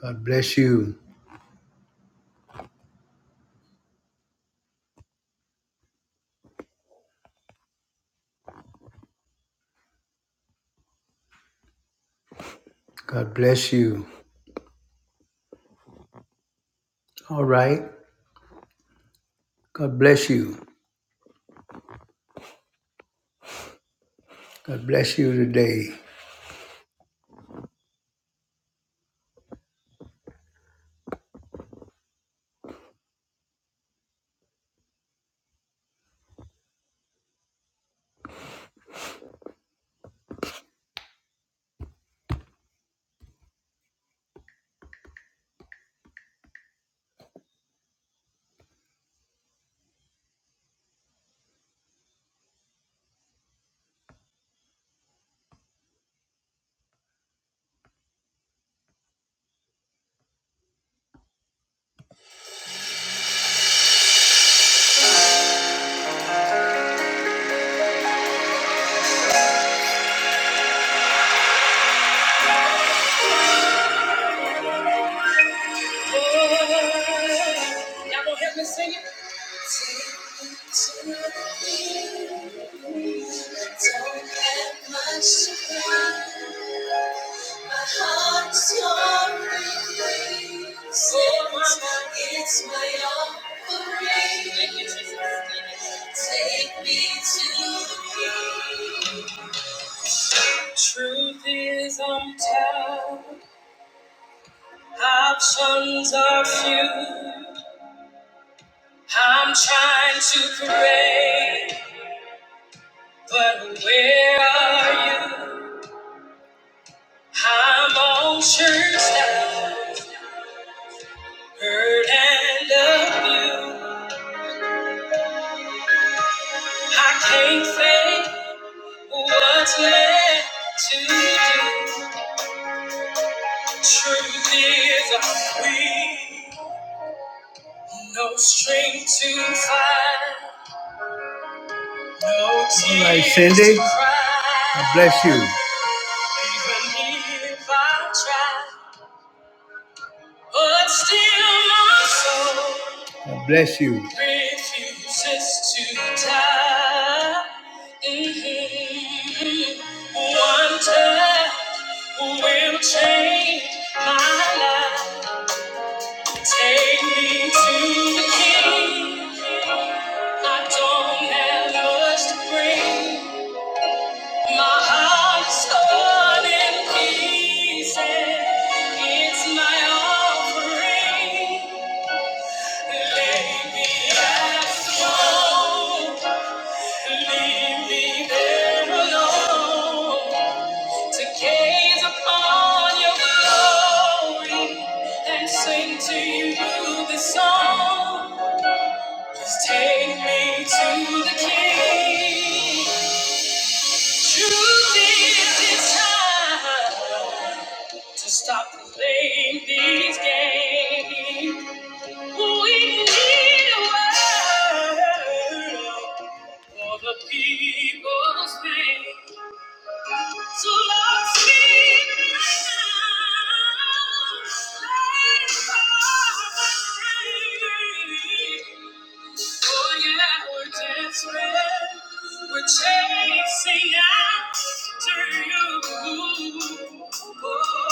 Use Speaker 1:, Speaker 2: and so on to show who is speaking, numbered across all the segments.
Speaker 1: God bless you. God bless you. All right. God bless you. God bless you today. Y'all gonna help me sing it? It's my offering. Take me to the king. Truth is, I'm tired. Options are few. I'm trying to pray, but where are you? I'm on church now, hurt and abused. I can't fake what's left to do. Truth is, I'm weak. No strength to fight. No tears All right, Cindy. to cry. God bless you. Even if I try, but still my soul God bless you. Refuses to die. Mhm. One touch will change my life. Take me to the King. I don't have much to bring. My heart's torn in pieces. It's my offering. Lay back, leave me there alone to gaze upon your glory and sing to you this song. Please take me to the King. Truly, it's time to stop playing these games. We need a word for the people's pain. So Lord, speak now. Light our pain. Oh yeah, we're desperate. We're chasing after you. Oh,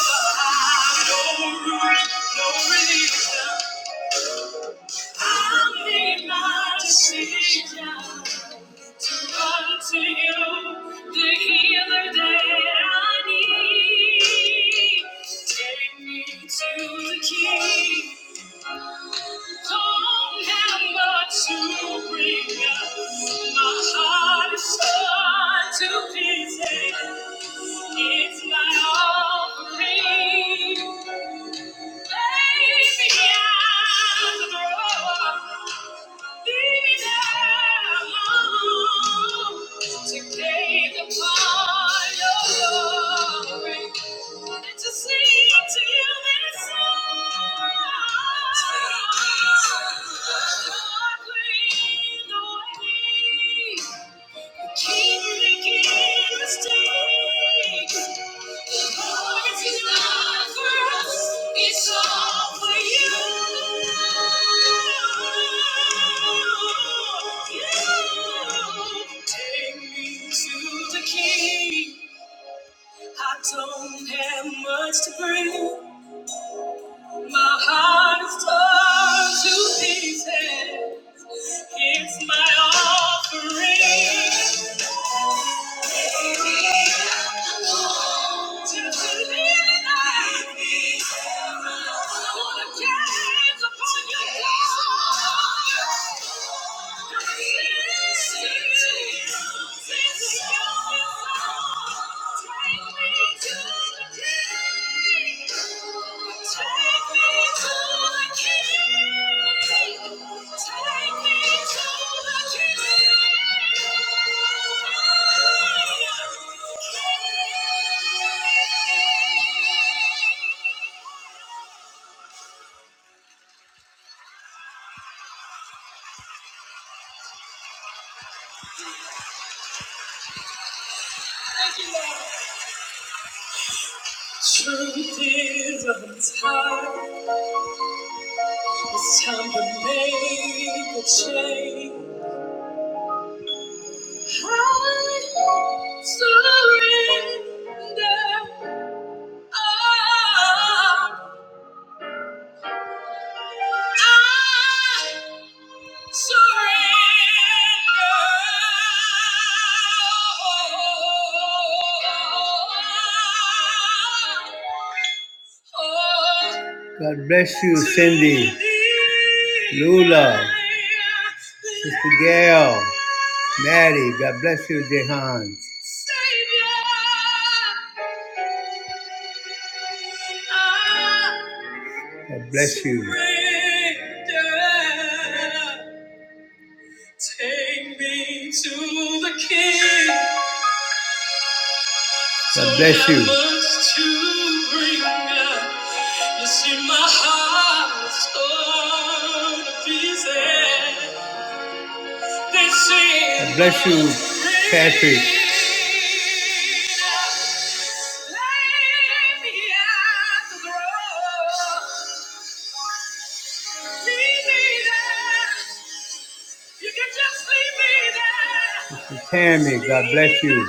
Speaker 1: no room, no relief. I made my decision to run to you, the healer that I need. Take me to the King. Don't have much to bring up. My heart is torn to pieces. It's my offering. Keep making mistakes. It's all for you. You take me to the king. I don't have much to bring. My heart is torn to pieces. It's my offering. gonna Take me Thank you. Truth is, I'm tired. It's time to make a change. I surrender. I. I God bless you, Cindy, Lula, Sister Gail, Maddie. God bless you, Jehan. God bless you. Take me to the King. God bless you. So You see, my heart torn to pieces. God bless you, Patrick. You can just leave me there. Sister Tammy, God bless you.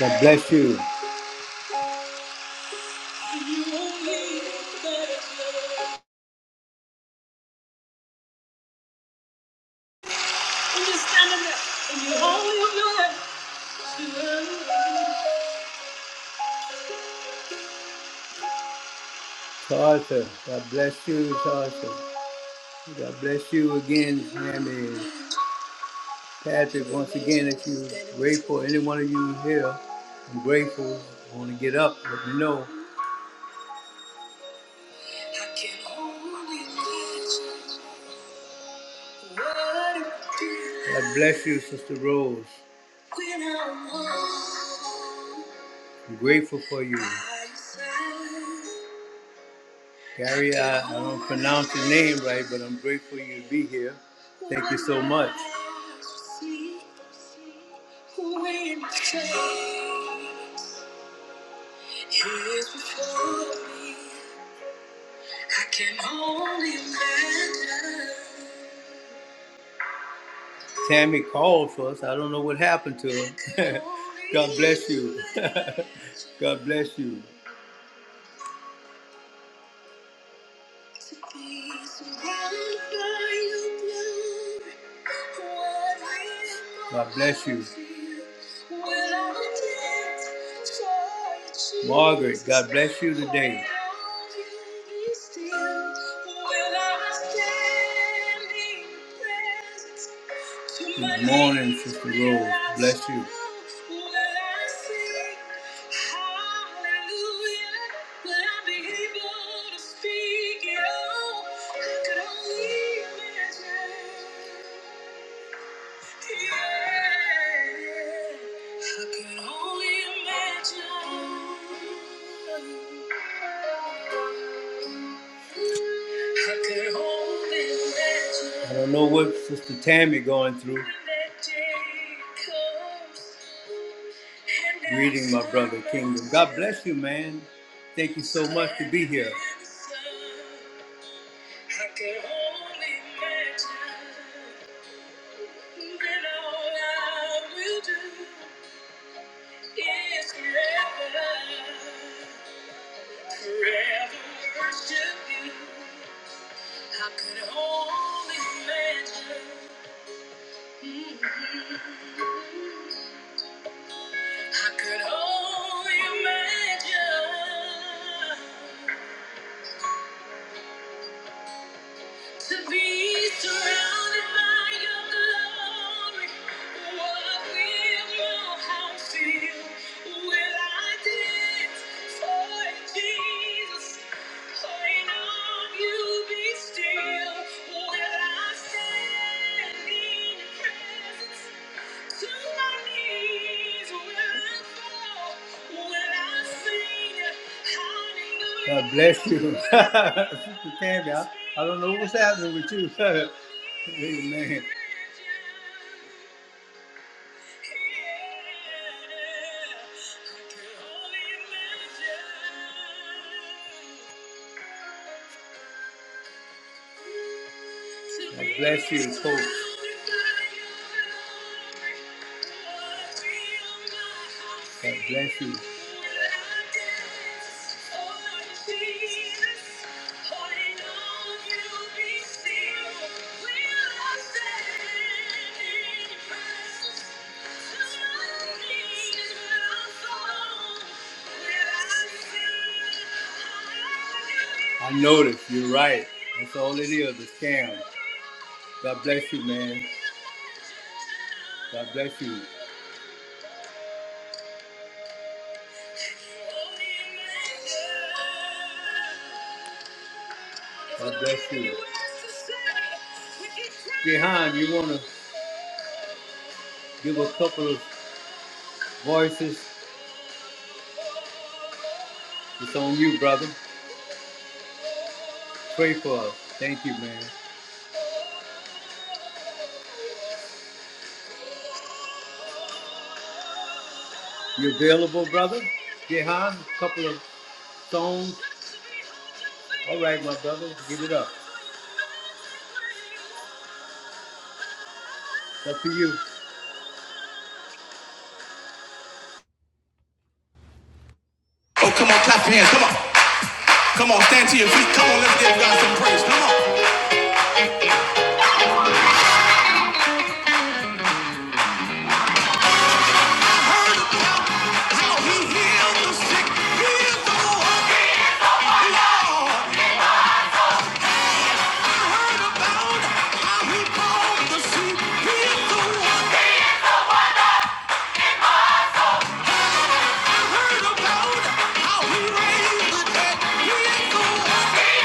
Speaker 1: God bless you. Tasha, God bless you, Tasha. God bless you again, Sammy. Patrick, once again, if you're grateful, any one of you here, I'm grateful. I want to get up, let me know. God bless you, Sister Rose. I'm grateful for you. Gary, I, I don't pronounce your name right, but I'm grateful you to be here. Thank you so much. It is before me. I can only imagine. Tammy called for us. I don't know what happened to her. God bless you. God bless you. God bless you. Margaret, God bless you today. Good morning, Sister Rose. Bless you. Yeah. I can only imagine. I could only imagine. I don't know what Sister Tammy going through. When Greeting my brother Kingdom. God bless you, man. Thank you so much to be here. I could only imagine. Then all I will do is forever, forever worship you. I could only imagine. Mhm. I could only imagine. To be surrounded by your glory, what will your house feel? Will I dance for Jesus? Point on you, be still. Will I stand in your presence? God bless you. Sister Tammy, I, I don't know what's happening with you. Amen. God bless you, Coach. God bless you. I noticed, you're right. That's all it is, is—the scam. God bless you, man. God bless you. Uh, Jehan, you want to? Give a couple of voices. It's on you, brother. Pray for us. Thank you, man. You available, brother? Jehan, a couple of songs. All right, my brother. Give it up. Up to you.
Speaker 2: Oh, come on, clap your hands. Come on. Come on, stand to your feet. Come on, let's give God some praise. Come on. I heard about how he healed the sick, healed the walking. Lord, I heard about how he called the sheep, healed the walking. I heard about how he raised the dead, healed the walking.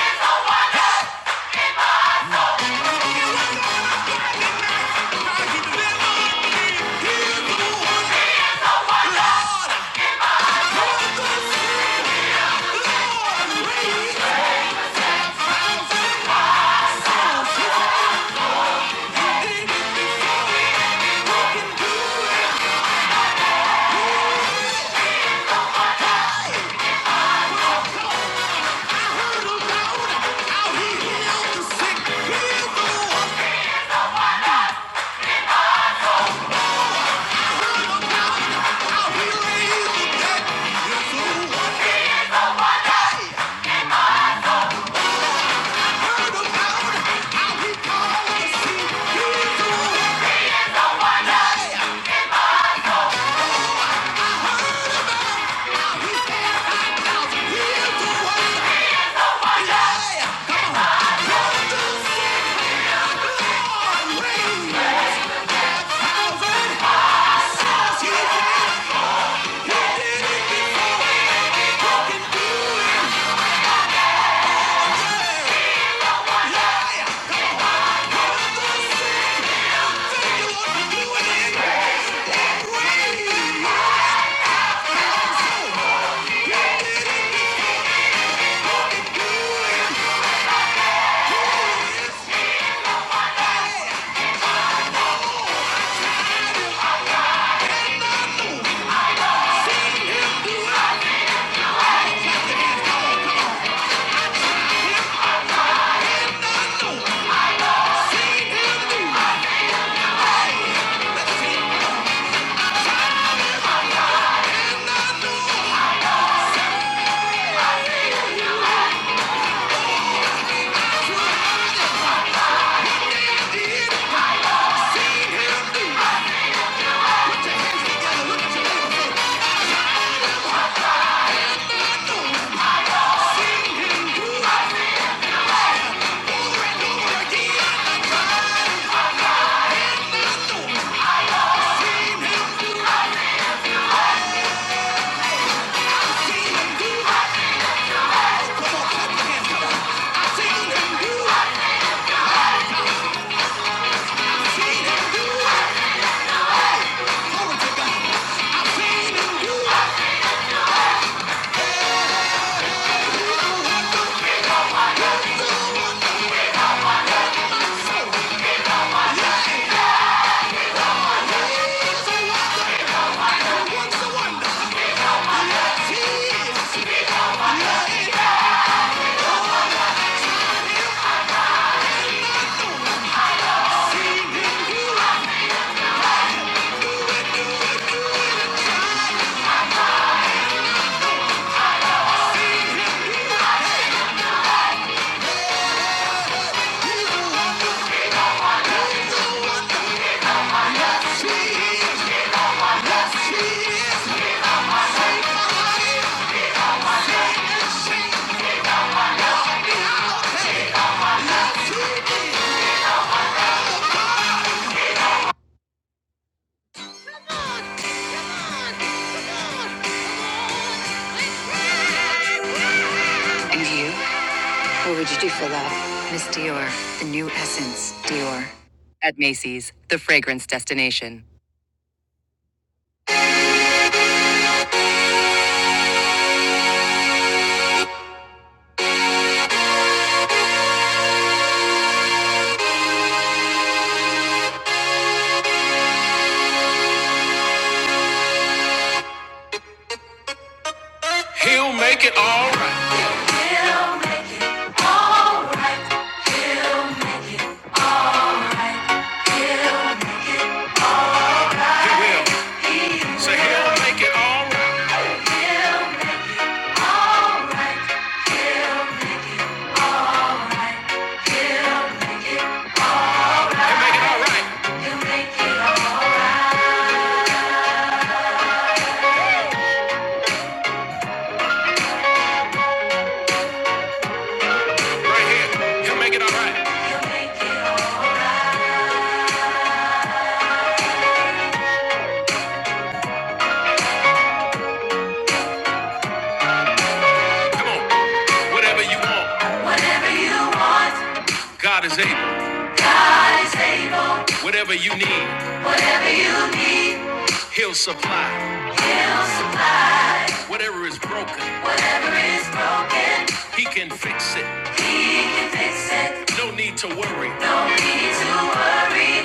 Speaker 2: It wasn't on a Friday night, how he delivered me, healed the walking. Lord, I heard the Heard about how he called the sea. He's the one. Yeah. Yeah. Seen him do it. Glory to God. And you? What would you do for love? Miss Dior, the new essence, Dior. At Macy's, the fragrance destination. He'll make it all right. He will. Say he'll make it all right. He'll make it all right. Right here. He'll make it all right. He'll make it all right. Come on. Whatever you want. Whatever you want. God is able. God is able, Whatever you need, whatever you need, He'll supply. He'll supply. Whatever is broken, Whatever is broken, He can fix it. He can fix it. No need to worry. No need to worry.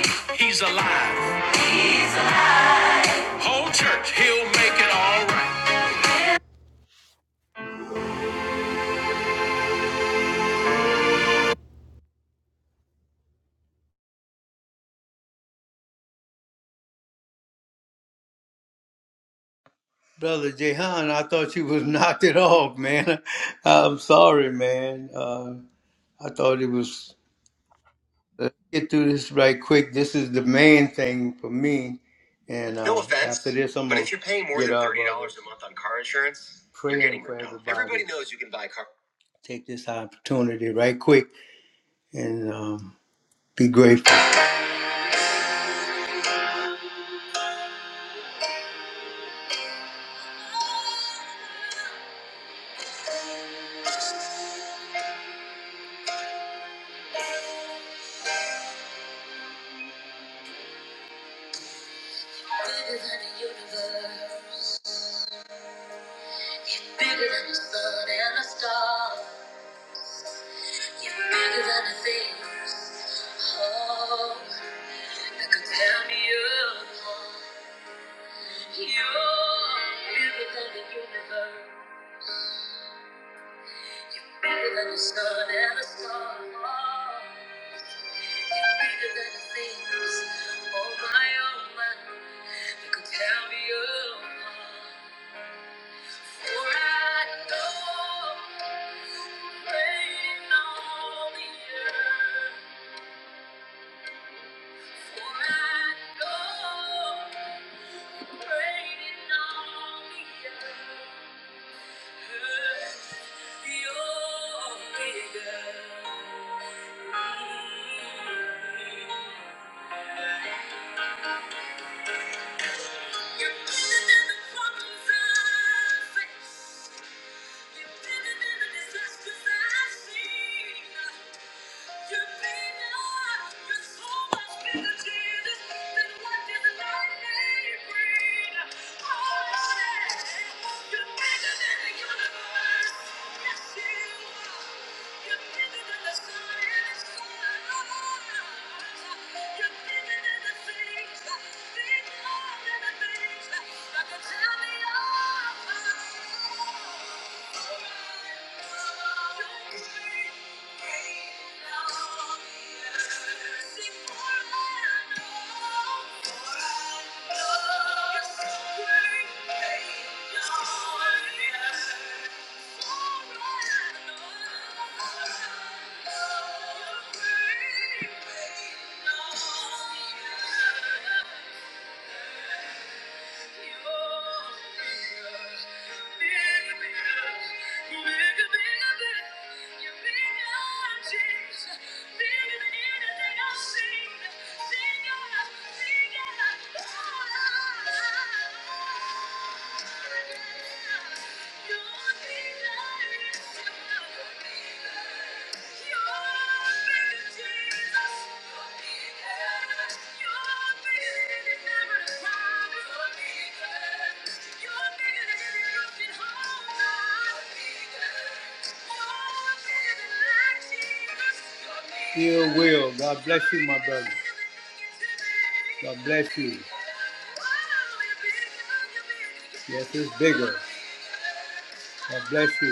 Speaker 2: He's alive. Whole church, He'll make it all right.
Speaker 1: Brother Jehan, I thought you was knocked it off, man. I'm sorry, man. Uh, I thought it was. Let's get through this right quick. This is the main thing for me, and I pray take this opportunity right quick and um, be grateful. Bigger than the universe, bigger than the sun and the stars. You're bigger than the things, oh, that could tear me apart. You're bigger than the universe, bigger than the sun and the stars. You're bigger than the things, oh my, oh my, that could tear me apart. Oh, God bless you. Yes, it's big. God bless you.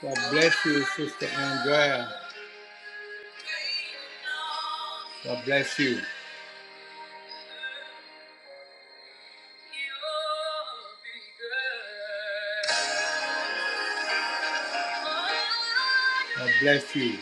Speaker 1: God bless you. God bless you. God bless you.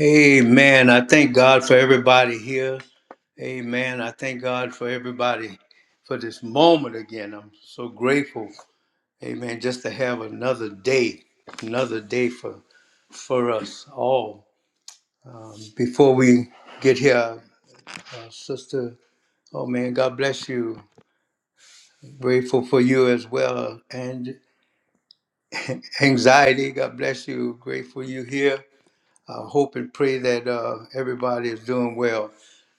Speaker 1: Amen. I thank God for everybody here. Amen. I thank God for everybody for this moment again. I'm so grateful. Amen. Just to have another day, another day for for us all. Um, before we get here, Uh, Sister, oh man, God bless you. Grateful for you as well. And anxiety, God bless you. Grateful you here. I hope and pray that uh, everybody is doing well.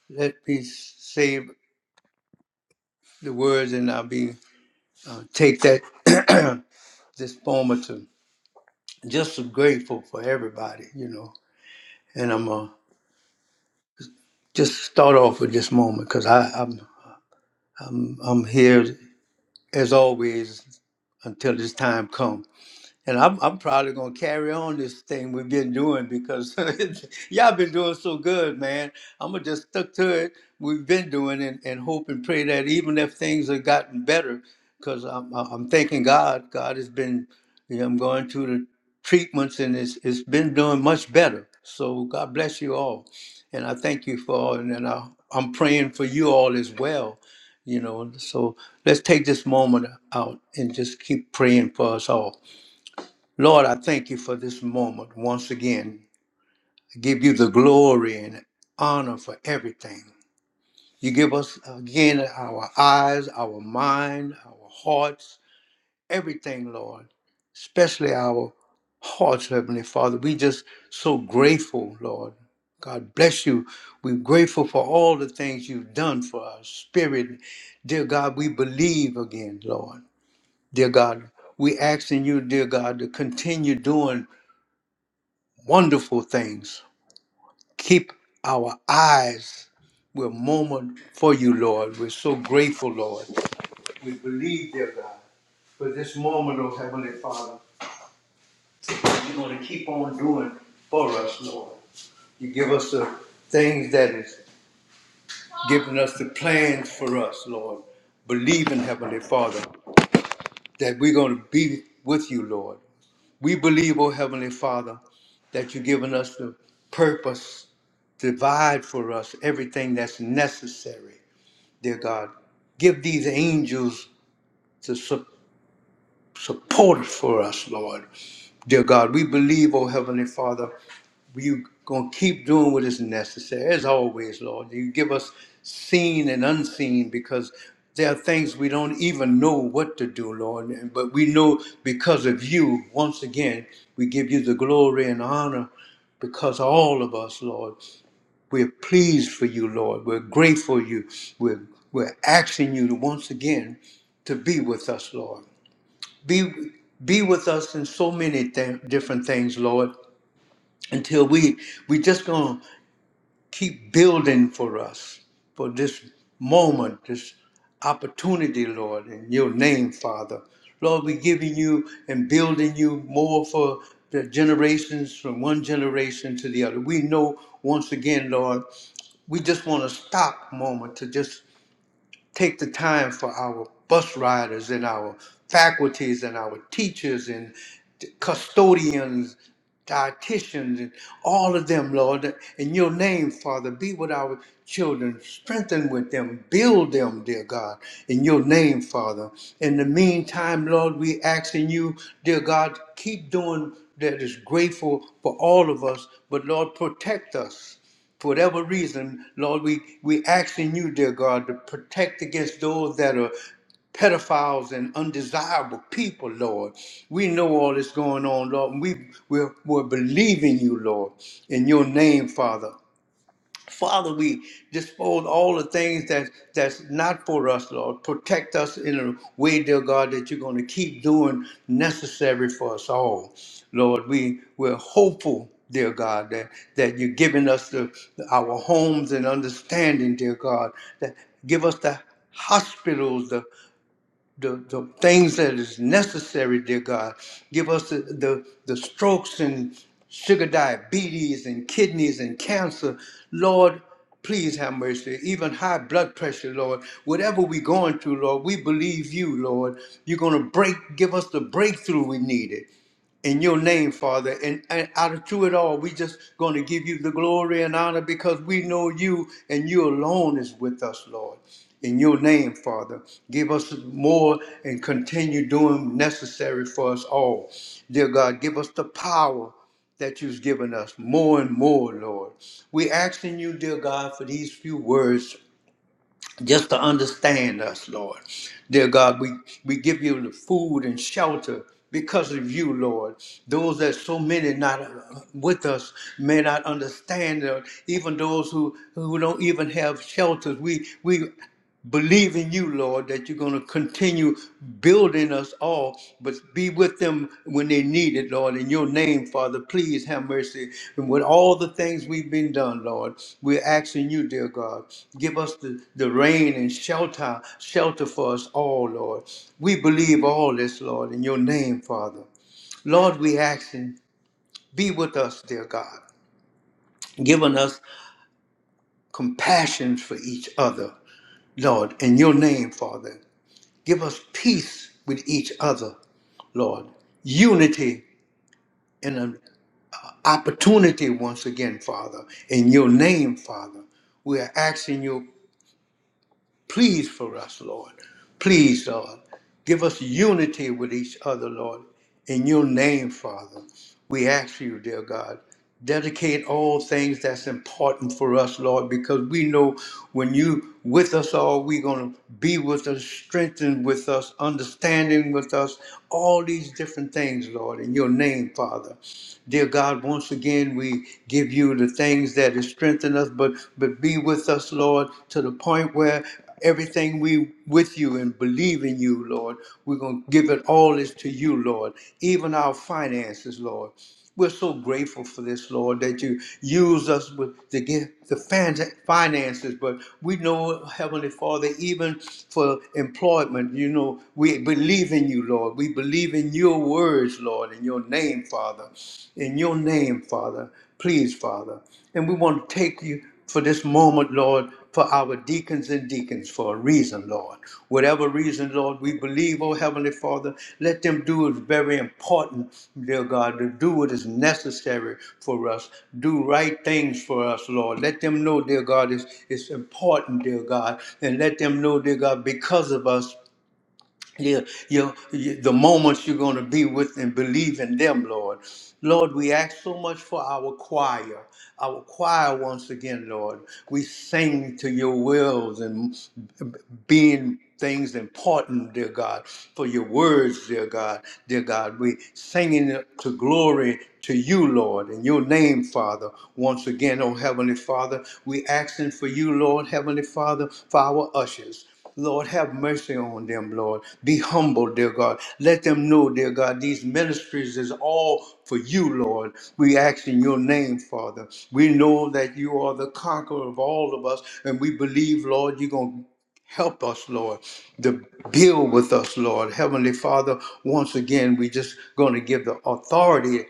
Speaker 1: Let me save the words and I'll be uh, take that this moment to just grateful for everybody, you know. And I'm uh, just start off with this moment because I'm I'm I'm here as always until this time comes. And I'm, I'm probably gonna carry on this thing we've been doing because y'all been doing so good, man. I'm gonna just stick to it. We've been doing and, and hope and pray that even if things have gotten better, because I'm, I'm I'm thanking God. God has been, you know, I'm going through the treatments and it's it's been doing much better. So God bless you all, and I thank you for all, and, and I, I'm praying for you all as well. You know, so let's take this moment out and just keep praying for us all. Lord, I thank you for this moment once again. I give you the glory and honor for everything. You give us again our eyes, our mind, our hearts, everything, Lord, especially our hearts, Heavenly Father. We just so grateful, Lord. God bless you. We're grateful for all the things you've done for our spirit. Dear God, we believe again, Lord. Dear God, we asking you, dear God, to continue doing wonderful things. Keep our eyes. We're moment for you, Lord. We're so grateful, Lord. We believe, dear God, for this moment, oh Heavenly Father, you're going to keep on doing for us, Lord. You give us the things that is giving us the plans for us, Lord. Believe in Heavenly Father that we're going to be with you, Lord. We believe, O Heavenly Father, that you've given us the purpose, divide for us everything that's necessary, dear God. Give these angels to support for us, Lord. Dear God, we believe, oh Heavenly Father, we going to keep doing what is necessary. As always, Lord, you give us seen and unseen because there are things we don't even know what to do, Lord. And- But we know because of you, once again, we give you the glory and honor because all of us, Lord, we're pleased for you, Lord. We're grateful you. We're, we're asking you to once again to be with us, Lord be be with us in so many th- different things lord until we we just gonna keep building for us for this moment this opportunity lord in your name father lord we giving you and building you more for the generations from one generation to the other we know once again lord we just want to stop a moment to just take the time for our bus riders and our faculties and our teachers and custodians, dietitians, and all of them, Lord. In your name, Father, be with our children, strengthen with them, build them, dear God, in your name, Father. In the meantime, Lord, we asking you, dear God, keep doing that is grateful for all of us, but Lord, protect us for whatever reason, Lord, we we asking you, dear God, to protect against those that are pedophiles and undesirable people, Lord. We know all that's going on, Lord. and We we're, we're believing you, Lord, in your name, Father. Father, we dispose all the things that that's not for us, Lord. Protect us in a way, dear God, that you're going to keep doing necessary for us all. Lord, we, we're hopeful, dear God, that, that you're giving us the, our homes and understanding, dear God, that give us the hospitals, the, the things that is necessary, dear God. Give us the, the, the strokes and sugar diabetes and kidneys and cancer. Lord, please have mercy. Even high blood pressure, Lord. Whatever we're going through, Lord, we believe you, Lord. You're going to break, give us the breakthrough we needed in your name, Father. And, and out of through it all, we just going to give you the glory and honor because we know you and you alone is with us, Lord. In your name, Father, give us more and continue doing necessary for us all. Dear God, give us the power that you've given us more and more, Lord. we asking you, dear God, for these few words just to understand us, Lord. Dear God, we, we give you the food and shelter because of you, Lord. Those that so many not uh, with us may not understand, uh, even those who, who don't even have shelters. We, we believe in you, Lord, that you're going to continue building us all, but be with them when they need it, Lord. In your name, Father, please have mercy. And with all the things we've been done, Lord, we're asking you, dear God, give us the, the rain and shelter, shelter for us all, Lord. We believe all this, Lord, in your name, Father. Lord, we ask and be with us, dear God, giving us compassion for each other, Lord, in your name, Father. Give us peace with each other, Lord. Unity and an opportunity once again, Father. In your name, Father. We are asking you Please for us, Lord. Please, Lord. Give us unity with each other, Lord. In your name, Father, we ask you, dear God, dedicate all things that's important for us, Lord, because we know when you with us all, we're going to be with us, strengthen with us, understanding with us, all these different things, Lord, in your name, Father. Dear God, once again, we give you the things that has strengthened us, but, but be with us, Lord, to the point where everything we with you and believe in you, Lord, we're going to give it all is to you, Lord, even our finances, Lord. We're so grateful for this, Lord, that you use us with the get the fan- finances. But we know, Heavenly Father, even for employment, you know, we believe in you, Lord. We believe in in your words, Lord, in your name, Father. In your name, Father. Please, Father. And we want to take you for this moment, Lord, for our deacons and deacons for a reason, Lord. Whatever reason, Lord, we believe, oh Heavenly Father, let them do what is very important, dear God, to do what is necessary for us. Do right things for us, Lord. Let them know, dear God, it's, it's important, dear God. And let them know, dear God, because of us. Yeah, your, your- the moments you're going to be with and believe in them, Lord. Lord, we ask so much for our choir, our choir once again, Lord. We sing to your wills and being things important, dear God, for your words, dear God, dear God. We singing it to glory to you, Lord, in your name, Father. Once again, oh Heavenly Father, we asking for you, Lord, Heavenly Father, for our ushers. Lord, have mercy on them, Lord. Be humble, dear God. Let them know, dear God, these ministries is all for you, Lord. We ask in your name, Father. We know that you are the conqueror of all of us, and we believe, Lord, you're going to help us, Lord, to build with us, Lord. Heavenly Father, once again, we just going to give the authority.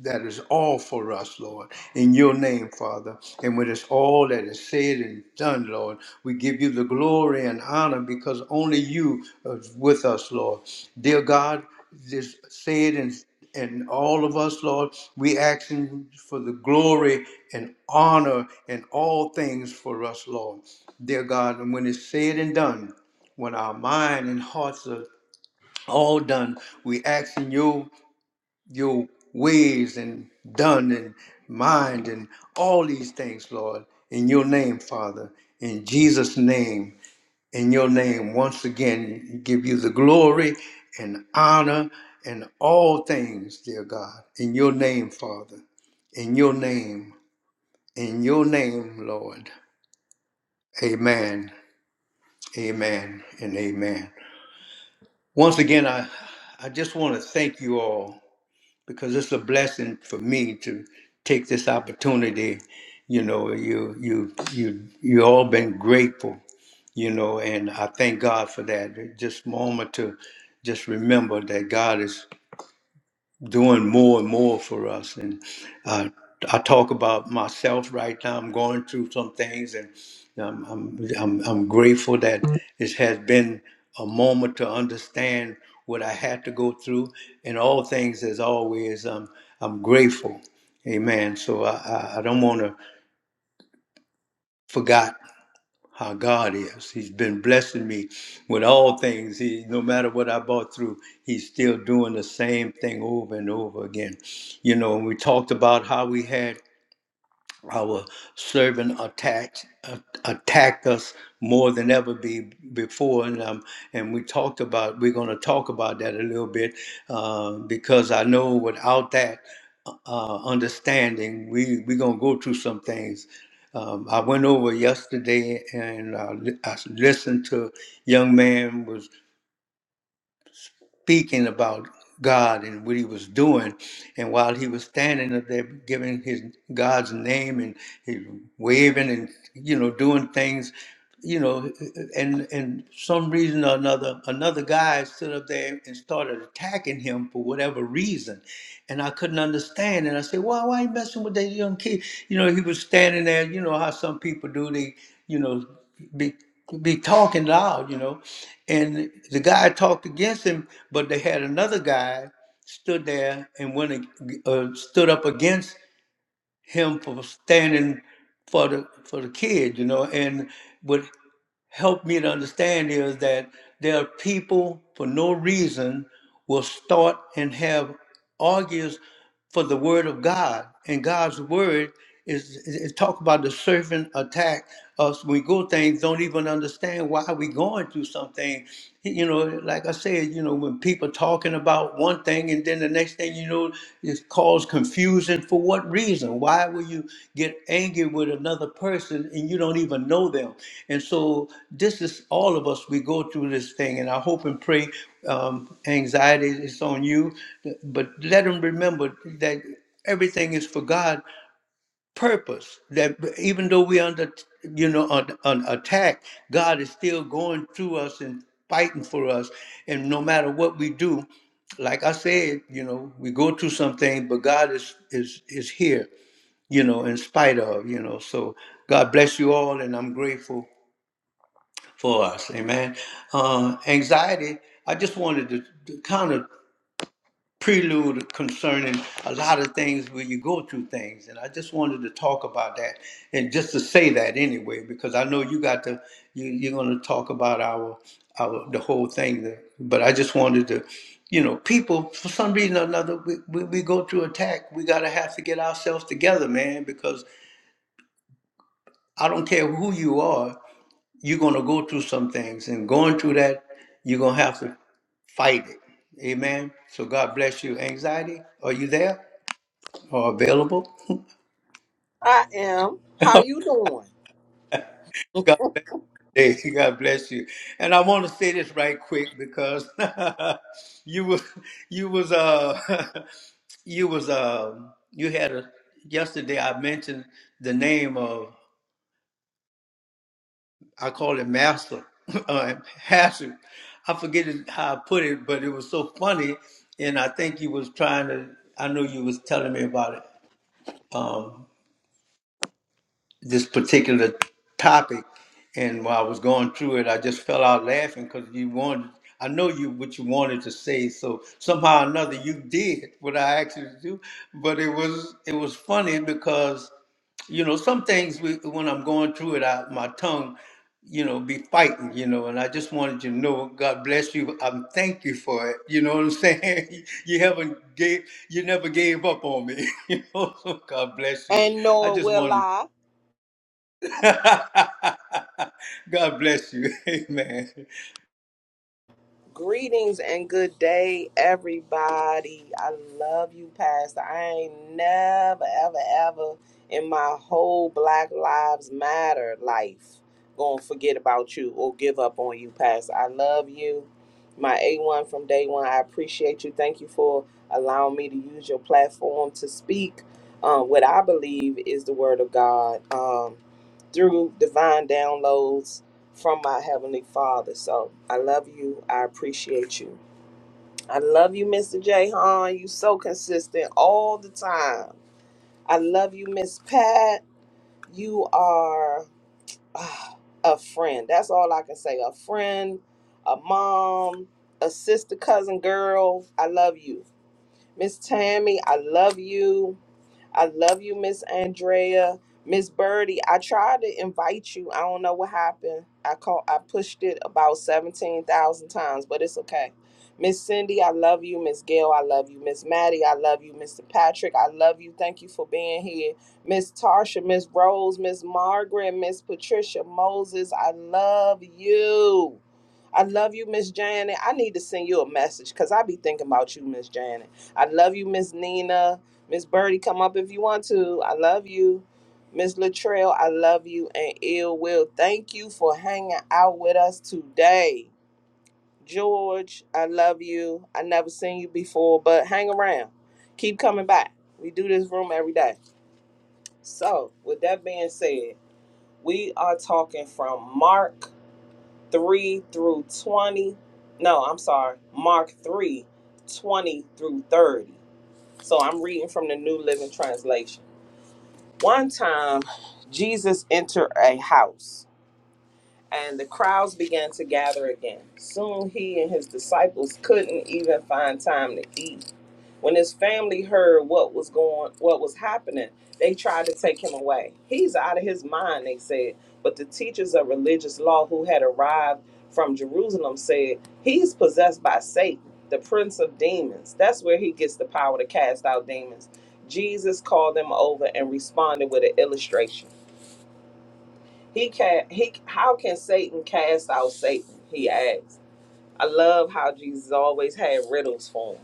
Speaker 1: That is all for us, Lord, in your name, Father. And when it's all that is said and done, Lord, we give you the glory and honor because only you are with us, Lord. Dear God, this said and and all of us, Lord, we asking for the glory and honor and all things for us, Lord. Dear God, and when it's said and done, when our mind and hearts are all done, we ask in you your ways and done and mind and all these things, Lord, in your name, Father, in Jesus' name, in your name. Once again, give you the glory and honor and all things, dear God, in your name, Father, in your name, in your name, Lord. Amen, amen, and amen. Once again, I, I just want to thank you all because it's a blessing for me to take this opportunity. You know, you you you you all been grateful. You know, and I thank God for that. Just moment to just remember that God is doing more and more for us. And uh, I talk about myself right now. I'm going through some things, and I'm I'm I'm, I'm grateful that it has been a moment to understand what I had to go through. And all things, as always, um, I'm grateful. Amen. So I, I, I don't want to forget how God is. He's been blessing me with all things. He, no matter what I bought through, He's still doing the same thing over and over again. You know, and we talked about how we had our servant attacked uh, attacked us more than ever be before, and um, and we talked about we're going to talk about that a little bit uh, because I know without that uh, understanding, we we're gonna go through some things. Um, I went over yesterday and I, li- I listened to young man was speaking about God and what he was doing. And while he was standing up there giving his God's name and he waving and you know doing things you know, and and some reason or another, another guy stood up there and started attacking him for whatever reason, and I couldn't understand. And I said, "Why, why you messing with that young kid?" You know, he was standing there. You know how some people do; they, you know, be be talking loud. You know, and the guy talked against him, but they had another guy stood there and went ag- uh, stood up against him for standing for the for the kid, you know, and what helped me to understand is that there are people for no reason will start and have arguments for the word of God. And God's word is, is, is talk about the serpent attack us. We go things, don't even understand why we going through something. You know, like I said, you know, when people talking about one thing and then the next thing you know, it cause confusion and for what reason? Why will you get angry with another person and you don't even know them? And so this is all of us. We go through this thing, and I hope and pray um, anxiety is on you, but let them remember that everything is for God purpose that even though we under you know on, on attack god is still going through us and fighting for us and no matter what we do like i said you know we go through something but god is is is here you know in spite of you know so god bless you all and i'm grateful for us amen uh anxiety i just wanted to, kind of prelude concerning a lot of things where you go through things and i just wanted to talk about that and just to say that anyway because i know you got to you, you're going to talk about our our the whole thing there. but i just wanted to you know people for some reason or another we, we, we go through attack we got to have to get ourselves together man because i don't care who you are you're going to go through some things and going through that you're going to have to fight it amen so god bless you anxiety are you there are available.
Speaker 3: I am. How you doing?
Speaker 1: God, hey, God bless you. And I want to say this right quick because you was you was uh you was uh you had a yesterday I mentioned the name of I call it Master uh, Hazard. I forget it- how I put it, but it was so funny, and I think you was trying to. I know you was telling me about it. um, this particular topic, and while I was going through it, I just fell out laughing because you wanted. I know you what you wanted to say, so somehow or another you did what I asked you to do. But it was it was funny because you know some things we, when I'm going through it, I, my tongue you know be fighting you know and i just wanted you to know god bless you i'm thank you for it you know what i'm saying you haven't gave you never gave up on me you know so god bless you
Speaker 3: And
Speaker 1: I
Speaker 3: nor
Speaker 1: just
Speaker 3: will
Speaker 1: wanted
Speaker 3: I.
Speaker 1: God bless you. Amen.
Speaker 3: Greetings and good day, everybody. I love you, Pastor. I ain't never, ever, ever in my whole Black Lives Matter life gonna forget about you or give up on you, Pastor. I love you. My A1 from day one, I appreciate you. Thank you for allowing me to use your platform to speak um, what I believe is the Word of God um, through divine downloads from my Heavenly Father. So I love you. I appreciate you. I love you, Mr. J. Hahn. You so consistent all the time. I love you, Miss Pat. You are ah, a friend. That's all I can say. A friend, a mom, a sister, cousin, girl. I love you. Miss Tammy, I love you. I love you, Miss Andrea. Miss Birdie, I tried to invite you. I don't know what happened. I called I pushed it about 17,000 times, but it's okay. Miss Cindy, I love you. Miss Gail, I love you. Miss Maddie, I love you. Mr. Patrick, I love you. Thank you for being here. Miss Tarsha, Miss Rose, Miss Margaret, Miss Patricia Moses, I love you. I love you, Miss Janet. I need to send you a message because I be thinking about you, Miss Janet. I love you, Miss Nina. Miss Birdie, come up if you want to. I love you. Miss Latrell, I love you. And Ill Will, thank you for hanging out with us today. George, I love you. I never seen you before, but hang around. Keep coming back. We do this room every day. So, with that being said, we are talking from Mark 3 through 20. No, I'm sorry. Mark 3 20 through 30. So, I'm reading from the New Living Translation. One time, Jesus entered a house, and the crowds began to gather again. Soon he and his disciples couldn't even find time to eat when his family heard what was going, what was happening, they tried to take him away. He's out of his mind, they said. But the teachers of religious law who had arrived from Jerusalem said, he's possessed by Satan, the prince of demons. That's where he gets the power to cast out demons. Jesus called them over and responded with an illustration. He can he how can Satan cast out Satan? He asked. I love how Jesus always had riddles for him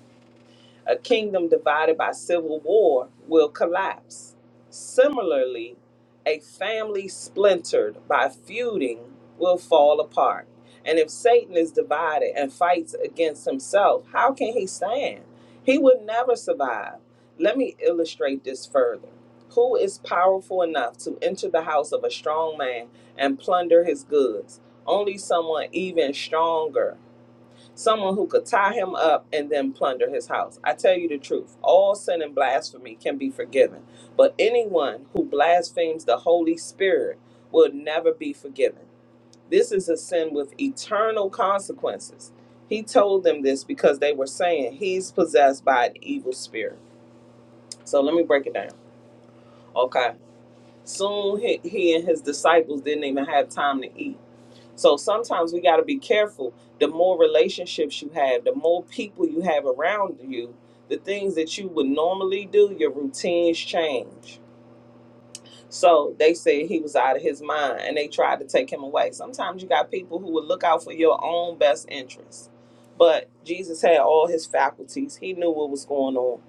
Speaker 3: a kingdom divided by civil war will collapse. Similarly, a family splintered by feuding will fall apart. And if Satan is divided and fights against himself, how can he stand? He would never survive. Let me illustrate this further. Who is powerful enough to enter the house of a strong man and plunder his goods? Only someone even stronger someone who could tie him up and then plunder his house. I tell you the truth, all sin and blasphemy can be forgiven, but anyone who blasphemes the Holy Spirit will never be forgiven. This is a sin with eternal consequences. He told them this because they were saying he's possessed by an evil spirit. So let me break it down. Okay. Soon he, he and his disciples didn't even have time to eat. So sometimes we got to be careful. The more relationships you have, the more people you have around you, the things that you would normally do, your routines change. So they said he was out of his mind and they tried to take him away. Sometimes you got people who would look out for your own best interest. But Jesus had all his faculties, he knew what was going on.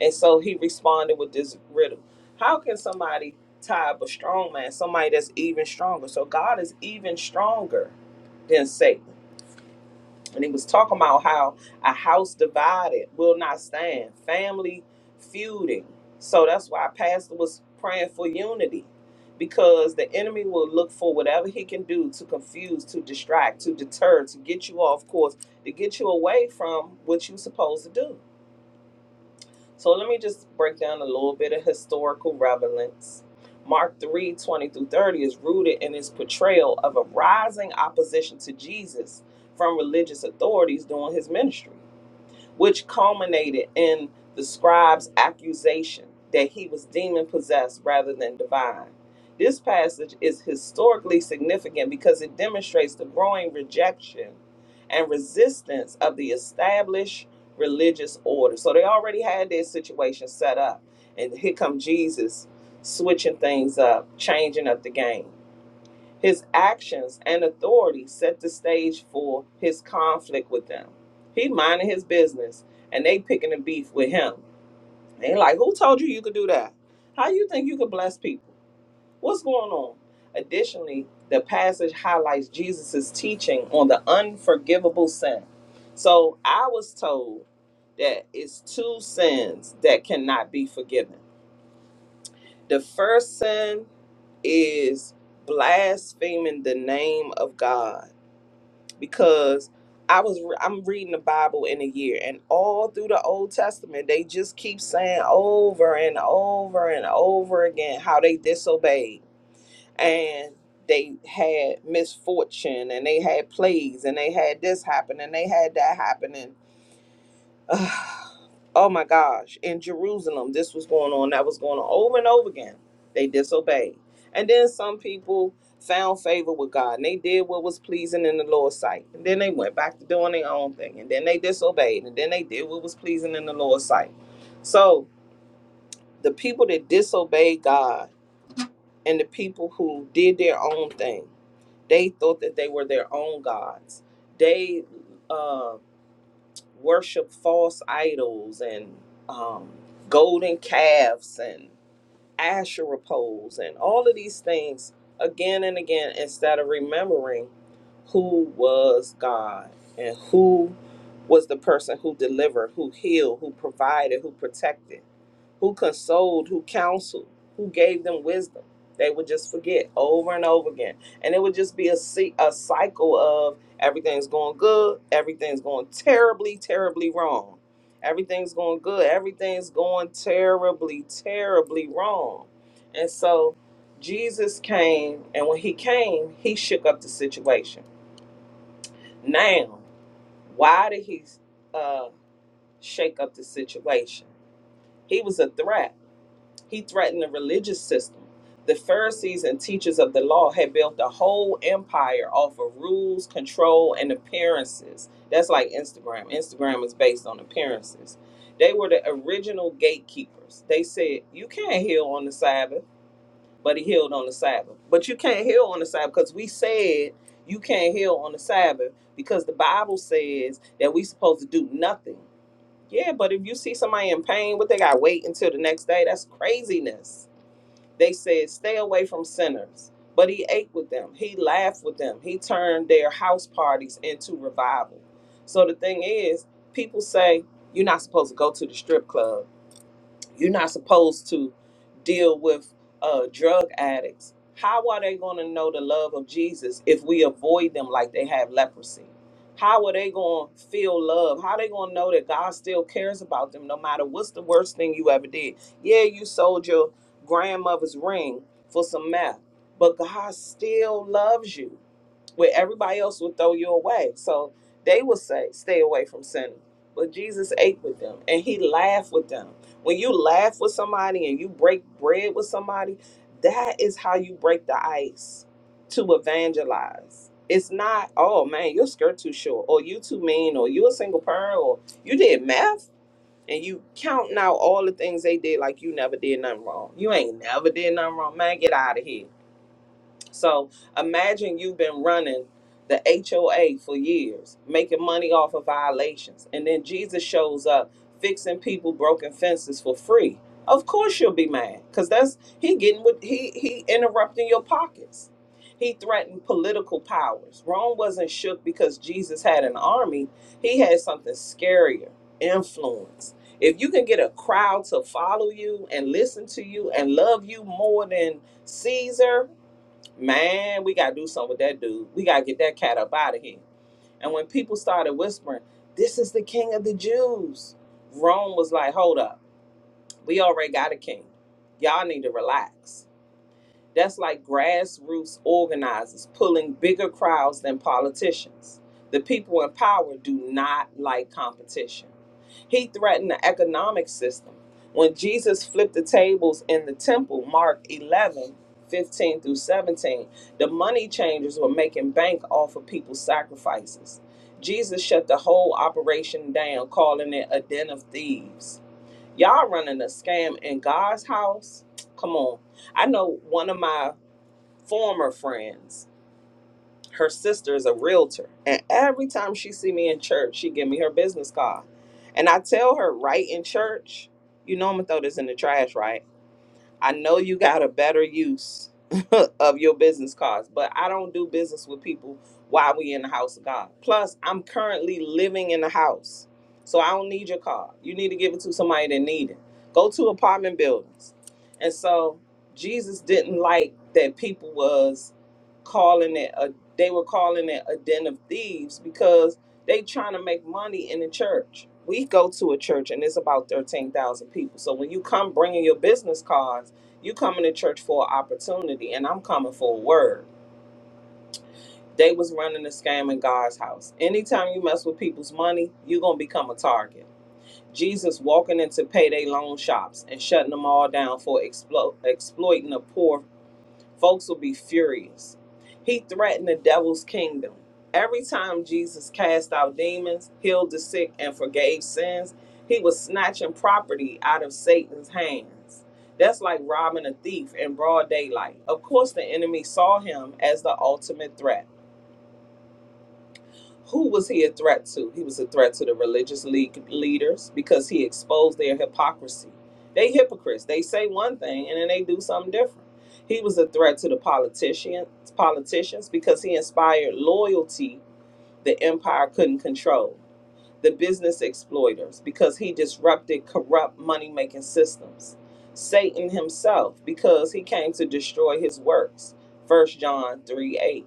Speaker 3: And so he responded with this riddle How can somebody tie up a strong man, somebody that's even stronger? So God is even stronger than Satan. And he was talking about how a house divided will not stand, family feuding. So that's why Pastor was praying for unity because the enemy will look for whatever he can do to confuse, to distract, to deter, to get you off course, to get you away from what you're supposed to do. So let me just break down a little bit of historical relevance. Mark 3 20 through 30 is rooted in his portrayal of a rising opposition to Jesus from religious authorities during his ministry which culminated in the scribe's accusation that he was demon possessed rather than divine. This passage is historically significant because it demonstrates the growing rejection and resistance of the established religious order. So they already had their situation set up. And here come Jesus switching things up, changing up the game. His actions and authority set the stage for his conflict with them. He minding his business and they picking a beef with him. They like, who told you you could do that? How you think you could bless people? What's going on? Additionally, the passage highlights Jesus' teaching on the unforgivable sin. So I was told that it's two sins that cannot be forgiven. The first sin is blaspheming the name of God because I was re- I'm reading the Bible in a year, and all through the Old Testament, they just keep saying over and over and over again how they disobeyed and they had misfortune and they had plagues and they had this happen and they had that happen and Oh my gosh, in Jerusalem, this was going on, that was going on over and over again. They disobeyed. And then some people found favor with God and they did what was pleasing in the Lord's sight. And then they went back to doing their own thing. And then they disobeyed. And then they did what was pleasing in the Lord's sight. So the people that disobeyed God and the people who did their own thing, they thought that they were their own gods. They, uh, worship false idols and um, golden calves and Asherah poles and all of these things again and again instead of remembering who was God and who was the person who delivered, who healed, who provided, who protected, who consoled, who counseled, who gave them wisdom. They would just forget over and over again. And it would just be a, ci- a cycle of everything's going good, everything's going terribly, terribly wrong Everything's going good. Everything's going terribly, terribly wrong. And so Jesus came, and when he came, he shook up the situation. Now, why did he uh, shake up the situation? He was a threat. He threatened the religious system. The Pharisees and teachers of the law had built a whole empire off of rules, control, and appearances. That's like Instagram. Instagram is based on appearances. They were the original gatekeepers. They said, You can't heal on the Sabbath, but he healed on the Sabbath. But you can't heal on the Sabbath because we said you can't heal on the Sabbath because the Bible says that we supposed to do nothing. Yeah, but if you see somebody in pain, what they got to wait until the next day? That's craziness. They said, Stay away from sinners. But he ate with them, he laughed with them, he turned their house parties into revival. So the thing is, people say, You're not supposed to go to the strip club you're not supposed to deal with uh, drug addicts. How are they going to know the love of Jesus if we avoid them like they have leprosy? How are they going to feel love? How are they going to know that God still cares about them no matter what's the worst thing you ever did? Yeah, you sold your grandmother's ring for some meth, but God still loves you where everybody else would throw you away. So they would say, stay away from sinning. But Jesus ate with them and he laughed with them. When you laugh with somebody and you break bread with somebody, that is how you break the ice to evangelize. It's not, oh man, your skirt too short, or you too mean, or you a single parent, or you did math and you counting out all the things they did like you never did nothing wrong. You ain't never did nothing wrong. Man, get out of here so imagine you've been running the HOA for years, making money off of violations, and then Jesus shows up fixing people broken fences for free. Of course you'll be mad, cause that's he getting what he he interrupting your pockets. He threatened political powers. Rome wasn't shook because Jesus had an army. He had something scarier, influence. If you can get a crowd to follow you and listen to you and love you more than Caesar, Man, we gotta do something with that dude. We gotta get that cat up out of here. And when people started whispering, this is the king of the Jews, Rome was like, hold up, we already got a king. Y'all need to relax. That's like grassroots organizers pulling bigger crowds than politicians. The people in power do not like competition. He threatened the economic system. When Jesus flipped the tables in the temple, Mark 11, 15 through 17, the money changers were making bank off of people's sacrifices. Jesus shut the whole operation down, calling it a den of thieves y'all running a scam in God's house. Come on. I know one of my former friends, her sister is a realtor, and every time she see me in church, she give me her business card. And I tell her right in church, you know I'm gonna throw this in the trash, right? I know you got a better use of your business cards, but I don't do business with people while we in the house of God. Plus, I'm currently living in the house. So I don't need your card. You need to give it to somebody that need it. Go to apartment buildings. And so Jesus didn't like that people was calling it a they were calling it a den of thieves because they trying to make money in the church. We go to a church and it's about 13,000 people. So when you come bringing your business cards you coming to church for an opportunity, and I'm coming for a word. They was running a scam in God's house. Anytime you mess with people's money, you're gonna become a target. Jesus walking into payday loan shops and shutting them all down for explo- exploiting the poor Folks will be furious. He threatened the devil's kingdom. Every time Jesus cast out demons, healed the sick, and forgave sins, he was snatching property out of Satan's hands. That's like robbing a thief in broad daylight. Of course, the enemy saw him as the ultimate threat. Who was he a threat to? He was a threat to the religious league leaders because he exposed their hypocrisy. They hypocrites. They say one thing and then they do something different. He was a threat to the politicians, politicians because he inspired loyalty the empire couldn't control. The business exploiters because he disrupted corrupt money-making systems. Satan himself because he came to destroy his works. First John three eight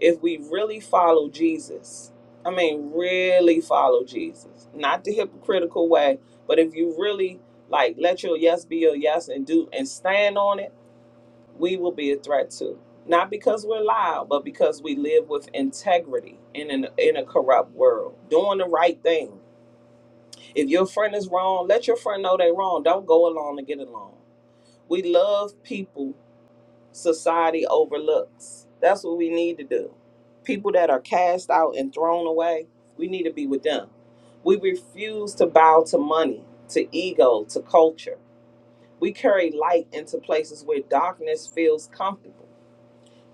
Speaker 3: if we really follow Jesus, I mean, really follow Jesus, not the hypocritical way, but if you really like let your yes be your yes and do and stand on it, we will be a threat too. Not because we're loud, but because we live with integrity in an in a corrupt world, doing the right thing. If your friend is wrong, let your friend know they're wrong. Don't go along to get along. We love people society overlooks. That's what we need to do. People that are cast out and thrown away, we need to be with them. We refuse to bow to money, to ego, to culture. We carry light into places where darkness feels comfortable.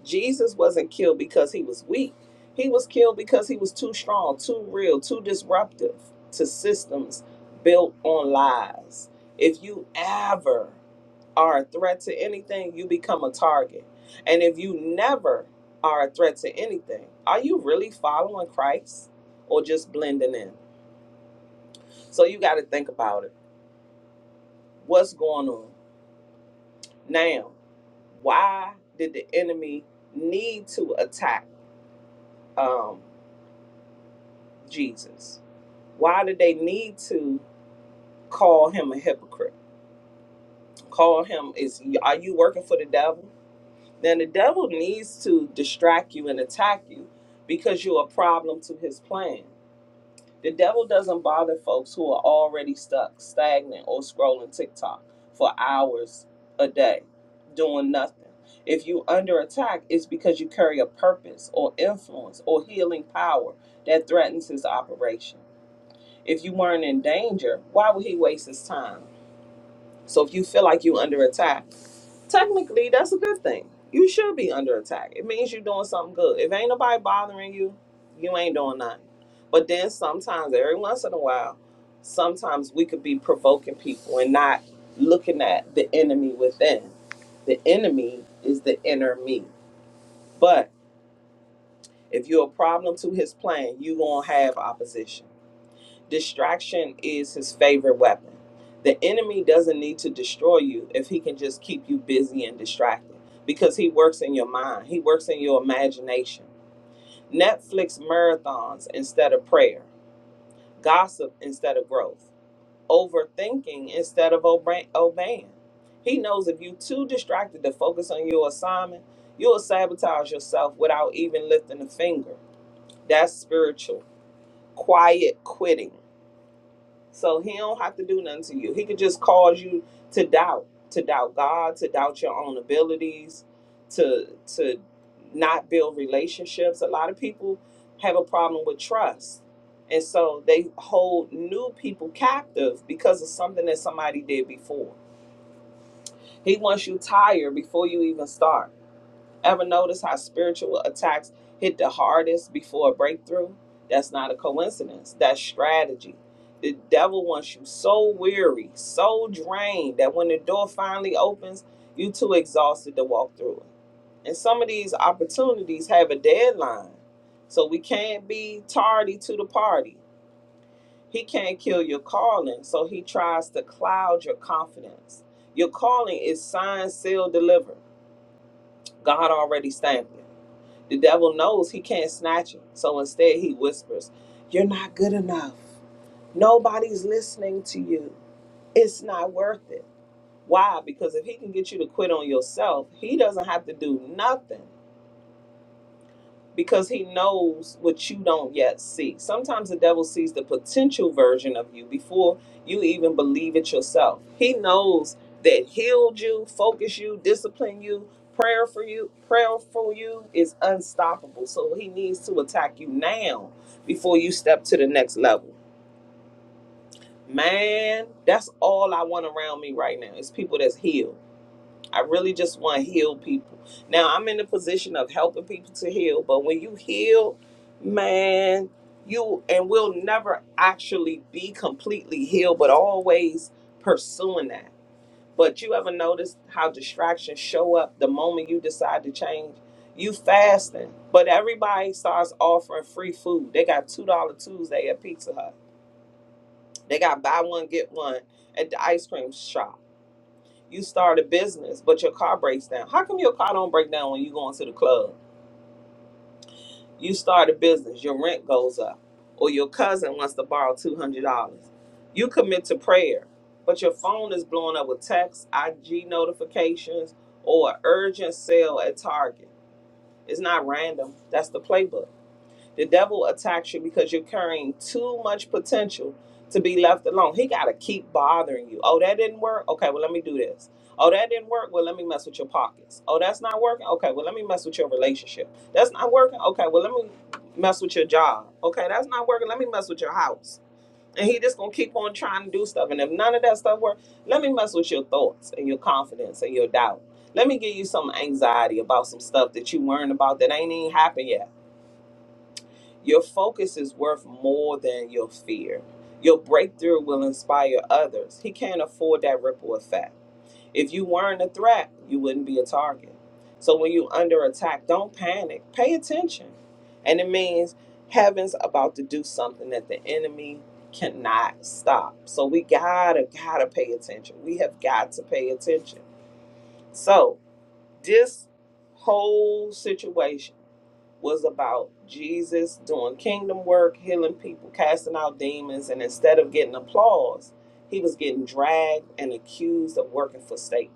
Speaker 3: Jesus wasn't killed because he was weak. He was killed because he was too strong, too real, too disruptive to systems built on lies. If you ever are a threat to anything, you become a target. And if you never are a threat to anything, are you really following Christ or just blending in? So you got to think about it. What's going on now? Why did the enemy need to attack um, Jesus? Why did they need to call him a hypocrite? Call him is are you working for the devil? then the devil needs to distract you and attack you because you're a problem to his plan. The devil doesn't bother folks who are already stuck, stagnant, or scrolling TikTok for hours a day doing nothing. If you under attack, it's because you carry a purpose or influence or healing power that threatens his operation. If you weren't in danger, why would he waste his time? So if you feel like you're under attack, Technically, that's a good thing. You should be under attack. It means you're doing something good. If ain't nobody bothering you, you ain't doing nothing. But then sometimes, every once in a while, sometimes we could be provoking people and not looking at the enemy within. The enemy is the inner me. But if you're a problem to his plan, you gonna have opposition. Distraction is his favorite weapon. The enemy doesn't need to destroy you if he can just keep you busy and distracted because he works in your mind, he works in your imagination. Netflix marathons instead of prayer, gossip instead of growth, overthinking instead of obe- obeying. He knows if you're too distracted to focus on your assignment, you'll sabotage yourself without even lifting a finger. That's spiritual. Quiet quitting. So he don't have to do nothing to you. He could just cause you to doubt, to doubt God, to doubt your own abilities, to to not build relationships. A lot of people have a problem with trust. And so they hold new people captive because of something that somebody did before. He wants you tired before you even start. Ever notice how spiritual attacks hit the hardest before a breakthrough? That's not a coincidence. That's strategy. The devil wants you so weary, so drained that when the door finally opens, you are too exhausted to walk through it. And some of these opportunities have a deadline. So we can't be tardy to the party. He can't kill your calling, so he tries to cloud your confidence. Your calling is signed, sealed, delivered. God already stamped it. The devil knows he can't snatch it. So instead, he whispers, You're not good enough. Nobody's listening to you. It's not worth it. Why? Because if he can get you to quit on yourself, he doesn't have to do nothing because he knows what you don't yet see. Sometimes the devil sees the potential version of you before you even believe it yourself. He knows that healed you, focus you, discipline you, prayer for you, prayer for you is unstoppable. So he needs to attack you now before you step to the next level. Man, that's all I want around me right now. It's people that's healed. I really just want to heal people. Now I'm in the position of helping people to heal, but when you heal, man, you and we'll never actually be completely healed, but always pursuing that. But you ever notice how distractions show up the moment you decide to change? You fasting, but everybody starts offering free food. They got two dollar Tuesday at Pizza Hut. They got buy one get one at the ice cream shop you start a business, but your car breaks down. How come your car don't break down when you going to the club? You start a business, your rent goes up, or your cousin wants to borrow two hundred dollars. You commit to prayer, but your phone is blowing up with texts, IG notifications, or an urgent sale at Target. It's not random. That's the playbook. The devil attacks you because you're carrying too much potential to be left alone. He got to keep bothering you. Oh, that didn't work? Okay, well, let me do this. Oh, that didn't work? Well, let me mess with your pockets. Oh, that's not working? Okay, well, let me mess with your relationship. That's not working? Okay, well, let me mess with your job. Okay, that's not working? Let me mess with your house. And he just gonna keep on trying to do stuff. And if none of that stuff works, let me mess with your thoughts and your confidence and your doubt. Let me give you some anxiety about some stuff that you worrying about that ain't even happened yet. Your focus is worth more than your fear. Your breakthrough will inspire others. He can't afford that ripple effect. If you weren't a threat, you wouldn't be a target. So when you're under attack, don't panic. Pay attention. And it means heaven's about to do something that the enemy cannot stop. So we gotta, gotta pay attention. We have got to pay attention. So this whole situation was about Jesus doing kingdom work, healing people, casting out demons, and instead of getting applause, he was getting dragged and accused of working for Satan.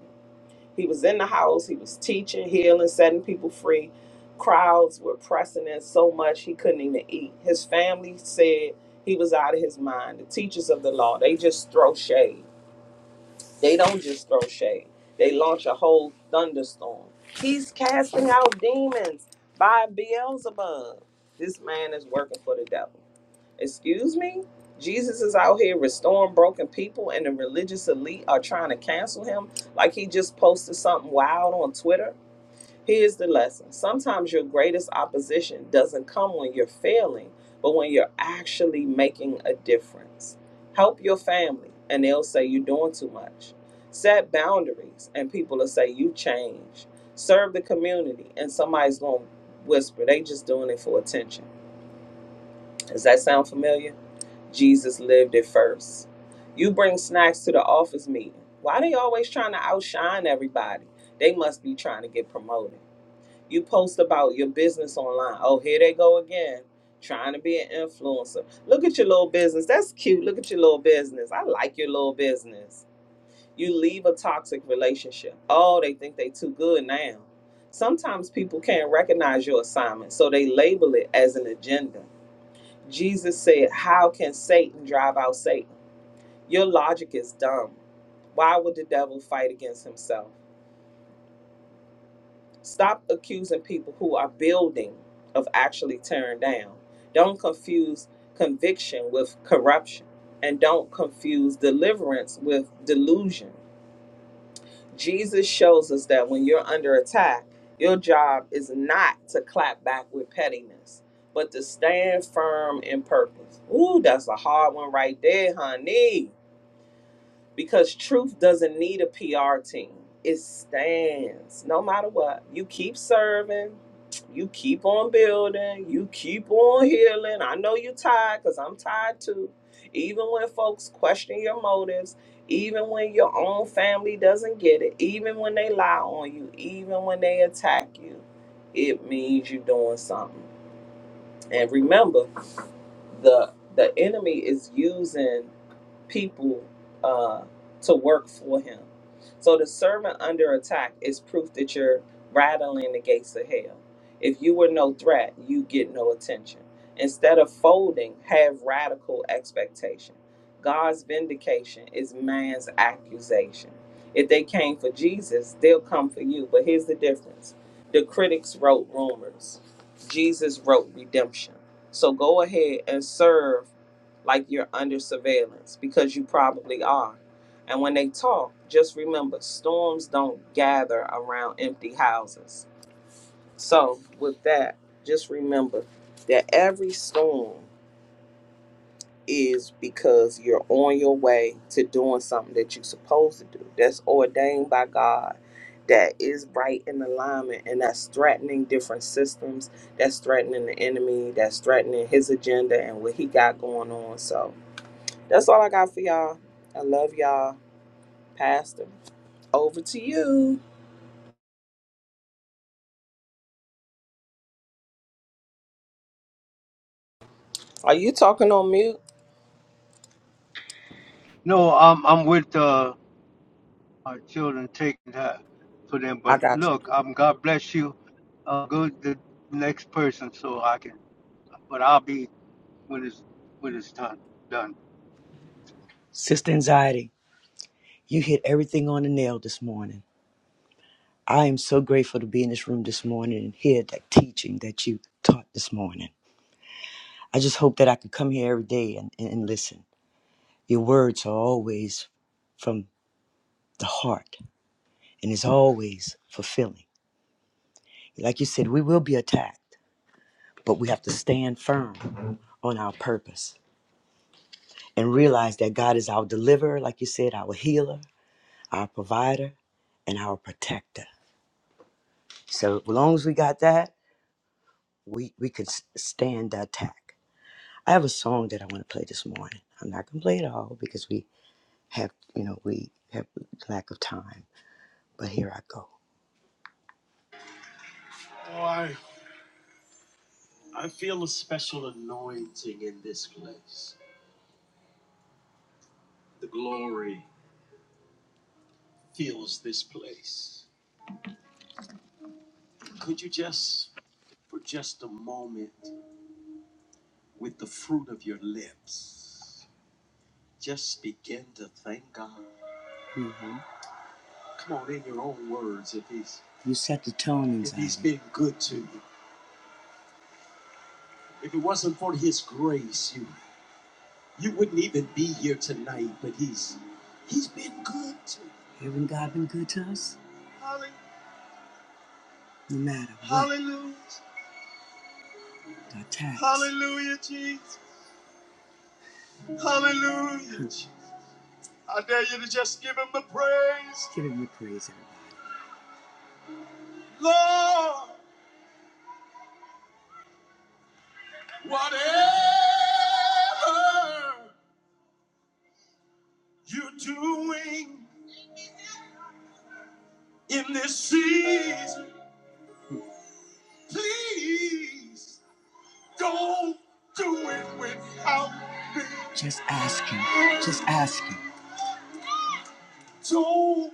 Speaker 3: He was in the house, he was teaching, healing, setting people free. Crowds were pressing in so much he couldn't even eat. His family said he was out of his mind. The teachers of the law, they just throw shade. They don't just throw shade. They launch a whole thunderstorm. He's casting out demons by Beelzebub. This man is working for the devil. Excuse me? Jesus is out here restoring broken people, and the religious elite are trying to cancel him like he just posted something wild on Twitter. Here's the lesson sometimes your greatest opposition doesn't come when you're failing, but when you're actually making a difference. Help your family, and they'll say you're doing too much. Set boundaries, and people will say you change. Serve the community, and somebody's going to whisper, they just doing it for attention. Does that sound familiar? Jesus lived it first. You bring snacks to the office meeting. Why they always trying to outshine everybody? They must be trying to get promoted you post about your business online. Oh, here they go again, trying to be an influencer. Look at your little business. That's cute. Look at your little business. I like your little business. You leave a toxic relationship. Oh, they think they too good now. Sometimes people can't recognize your assignment, so they label it as an agenda. Jesus said, How can Satan drive out Satan? Your logic is dumb. Why would the devil fight against himself? Stop accusing people who are building of actually tearing down. Don't confuse conviction with corruption. And don't confuse deliverance with delusion. Jesus shows us that when you're under attack, your job is not to clap back with pettiness, but to stand firm in purpose. Ooh, that's a hard one right there, honey because truth doesn't need a PR team. It stands no matter what. You keep serving, you keep on building, you keep on healing. I know you're tired because I'm tired too. Even when folks question your motives, even when your own family doesn't get it, even when they lie on you, even when they attack you, it means you're doing something. And remember, the the enemy is using people uh, to work for him. So the servant under attack is proof that you're rattling the gates of hell. If you were no threat, you get no attention. Instead of folding, have radical expectation. God's vindication is man's accusation. If they came for Jesus, they'll come for you. But here's the difference the critics wrote rumors, Jesus wrote redemption. So go ahead and serve like you're under surveillance because you probably are. And when they talk, just remember storms don't gather around empty houses. So, with that, just remember that every storm is because you're on your way to doing something that you're supposed to do, that's ordained by God, that is right in alignment, and that's threatening different systems, that's threatening the enemy, that's threatening his agenda and what he got going on. So, that's all I got for y'all. I love y'all. Pastor, over to you. Are you talking on mute?
Speaker 1: No, I'm I'm with uh, our children taking that for them.
Speaker 3: I
Speaker 1: But
Speaker 3: got you.
Speaker 1: look, um, God bless you. Uh, go to the next person so I can. But I'll be when it's when it's done. Done.
Speaker 4: Sister Anxiety, you hit everything on the nail this morning. I am so grateful to be in this room this morning and hear that teaching that you taught this morning. I just hope that I could come here every day and, and, and listen. Your words are always from the heart and is always fulfilling. Like you said, we will be attacked, but we have to stand firm on our purpose and realize that God is our deliverer, like you said, our healer, our provider, and our protector. So as long as we got that, we we could s- stand the attack. I have a song that I want to play this morning. I'm not gonna play it all because we have you know we have lack of time. But here I go. Oh, I I feel a special anointing in this place. The glory fills this place. Could you just for just a moment with the fruit of your lips just begin to thank God? Come on, in your own words, if he's you set the tone inside. If he's been good to you, if it wasn't for his grace, you you wouldn't even be here tonight. But he's he's been good to you. Haven't God been good to us? Hallelujah. No matter what. Hallelujah. The attacks. Hallelujah, Jesus. Hallelujah. Jesus. I dare you to just give him the praise. Give him the praise, everybody. Lord, whatever you're doing. in this season. Please don't do it without me. Just ask him. Just ask him. Don't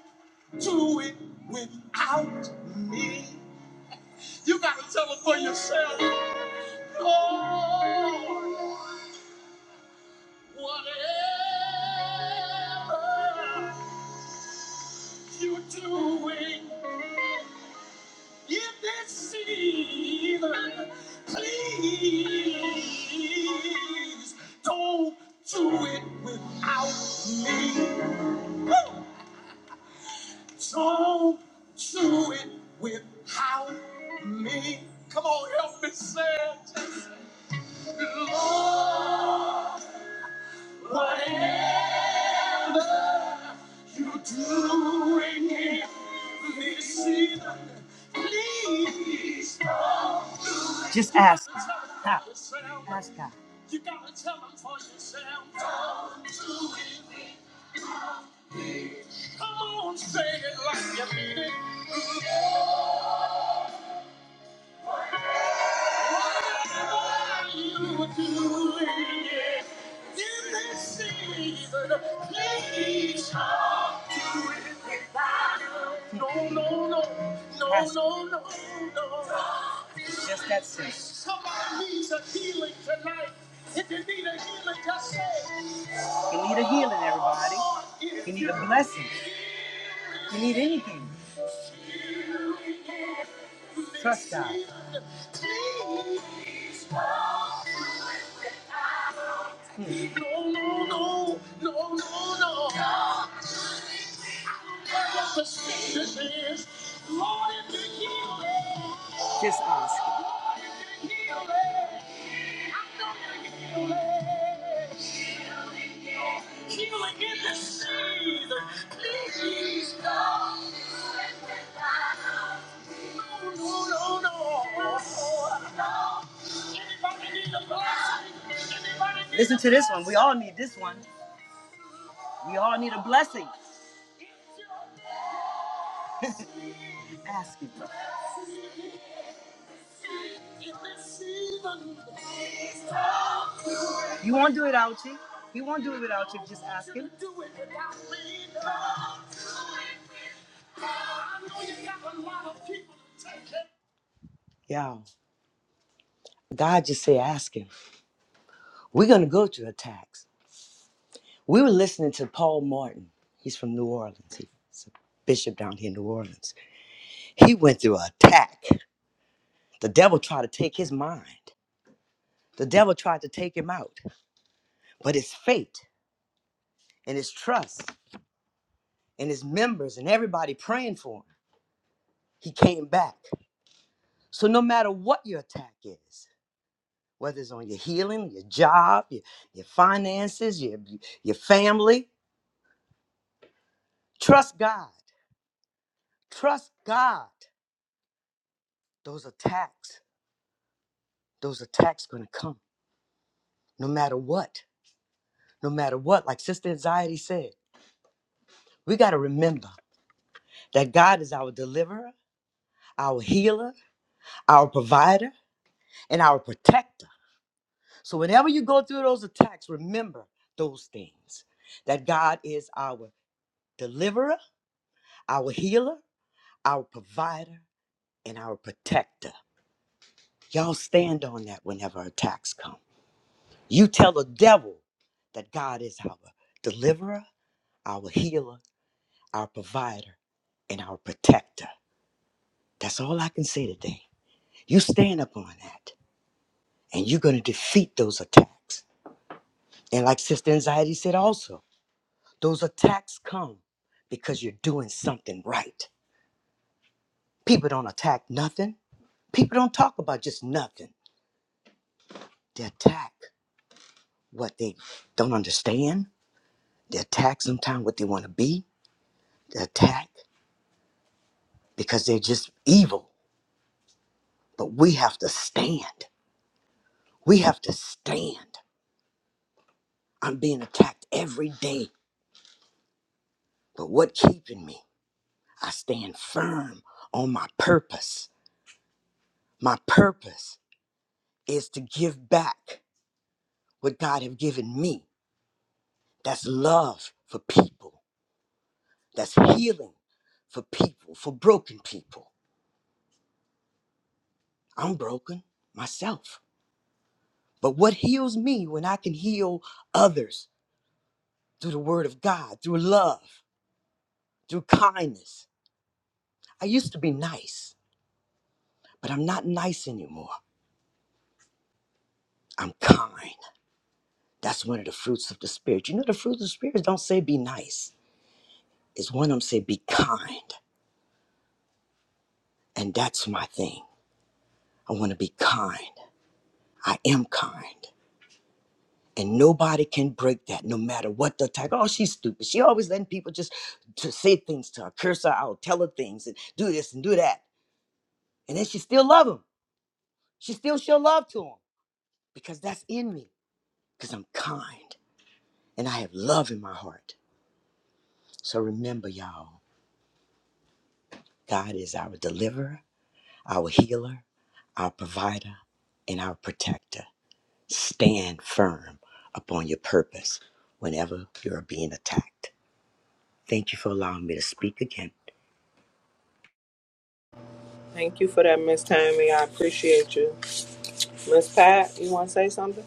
Speaker 4: do it without me. You gotta tell him for yourself. Lord, whatever you're doing. Give this season, please don't do it without me. Don't do it without me. Come on, help me say Lord, whatever you're doing in this season, please. don't. Just ask Him. Stop. Ask God. You gotta tell him for yourself. Don't do it. Come on, say it like you mean it. Whatever you do it in this season, please talk to it. No, no, no, no, no, no, no. It's just that simple. Somebody needs a healing tonight. If you need a healing, just say. You need a healing, everybody. You need a blessing. You need anything. Trust God. No, no, no, no, no, no. Just ask him. Please God, no, no, no. Listen to this one. We all need this one. We all need a blessing. Ask him. You won't do it without you. He won't do it without you. Just ask him. Y'all, God just say, ask him. We're going to go through attacks. We were listening to Paul Martin. He's from New Orleans. He's a bishop down here in New Orleans. He went through an attack. The devil tried to take his mind. The devil tried to take him out. But his faith and his trust. and his members and everybody praying for him, he came back. So no matter what your attack is, whether it's on your healing, your job, your, your finances, your, your family, trust God. Trust God. Those attacks, those attacks gonna come no matter what. No matter what. Like Sister Anxiety said, we gotta remember that God is our deliverer, our healer, our provider, and our protector. So whenever you go through those attacks, remember those things that God is our deliverer, our healer, our provider, and our protector. Y'all stand on that whenever attacks come. You tell the devil that God is our deliverer, our healer, our provider, and our protector. That's all I can say today. You stand upon that, and you're going to defeat those attacks. And like Sister Anxiety said also, Those attacks come because you're doing something right. People don't attack nothing. People don't talk about just nothing. They attack what they don't understand. They attack sometimes what they want to be. They attack because they're just evil. But we have to stand. We have to stand. I'm being attacked every day. But what keeping me? I stand firm on my purpose. My purpose is to give back what God have given me. That's love for people. That's healing for people, for broken people. I'm broken myself. But what heals me when I can heal others through the word of God, through love, through kindness? I used to be nice, but I'm not nice anymore. I'm kind. That's one of the fruits of the Spirit. You know, the fruits of the Spirit don't say be nice, it's one of them say be kind. And that's my thing. I want to be kind. I am kind. And nobody can break that, no matter what the attack. Oh, she's stupid. She always letting people just to say things to her, curse her out, tell her things, and do this and do that. And then she still love him. She still show love to him because that's in me. Because I'm kind and I have love in my heart. So remember, y'all, God is our deliverer, our healer, our provider, and our protector. Stand firm upon your purpose whenever you're being attacked. Thank you for allowing me to speak again.
Speaker 3: Thank you for that, Miss Tammy. I appreciate you. Miss Pat, you want to say something?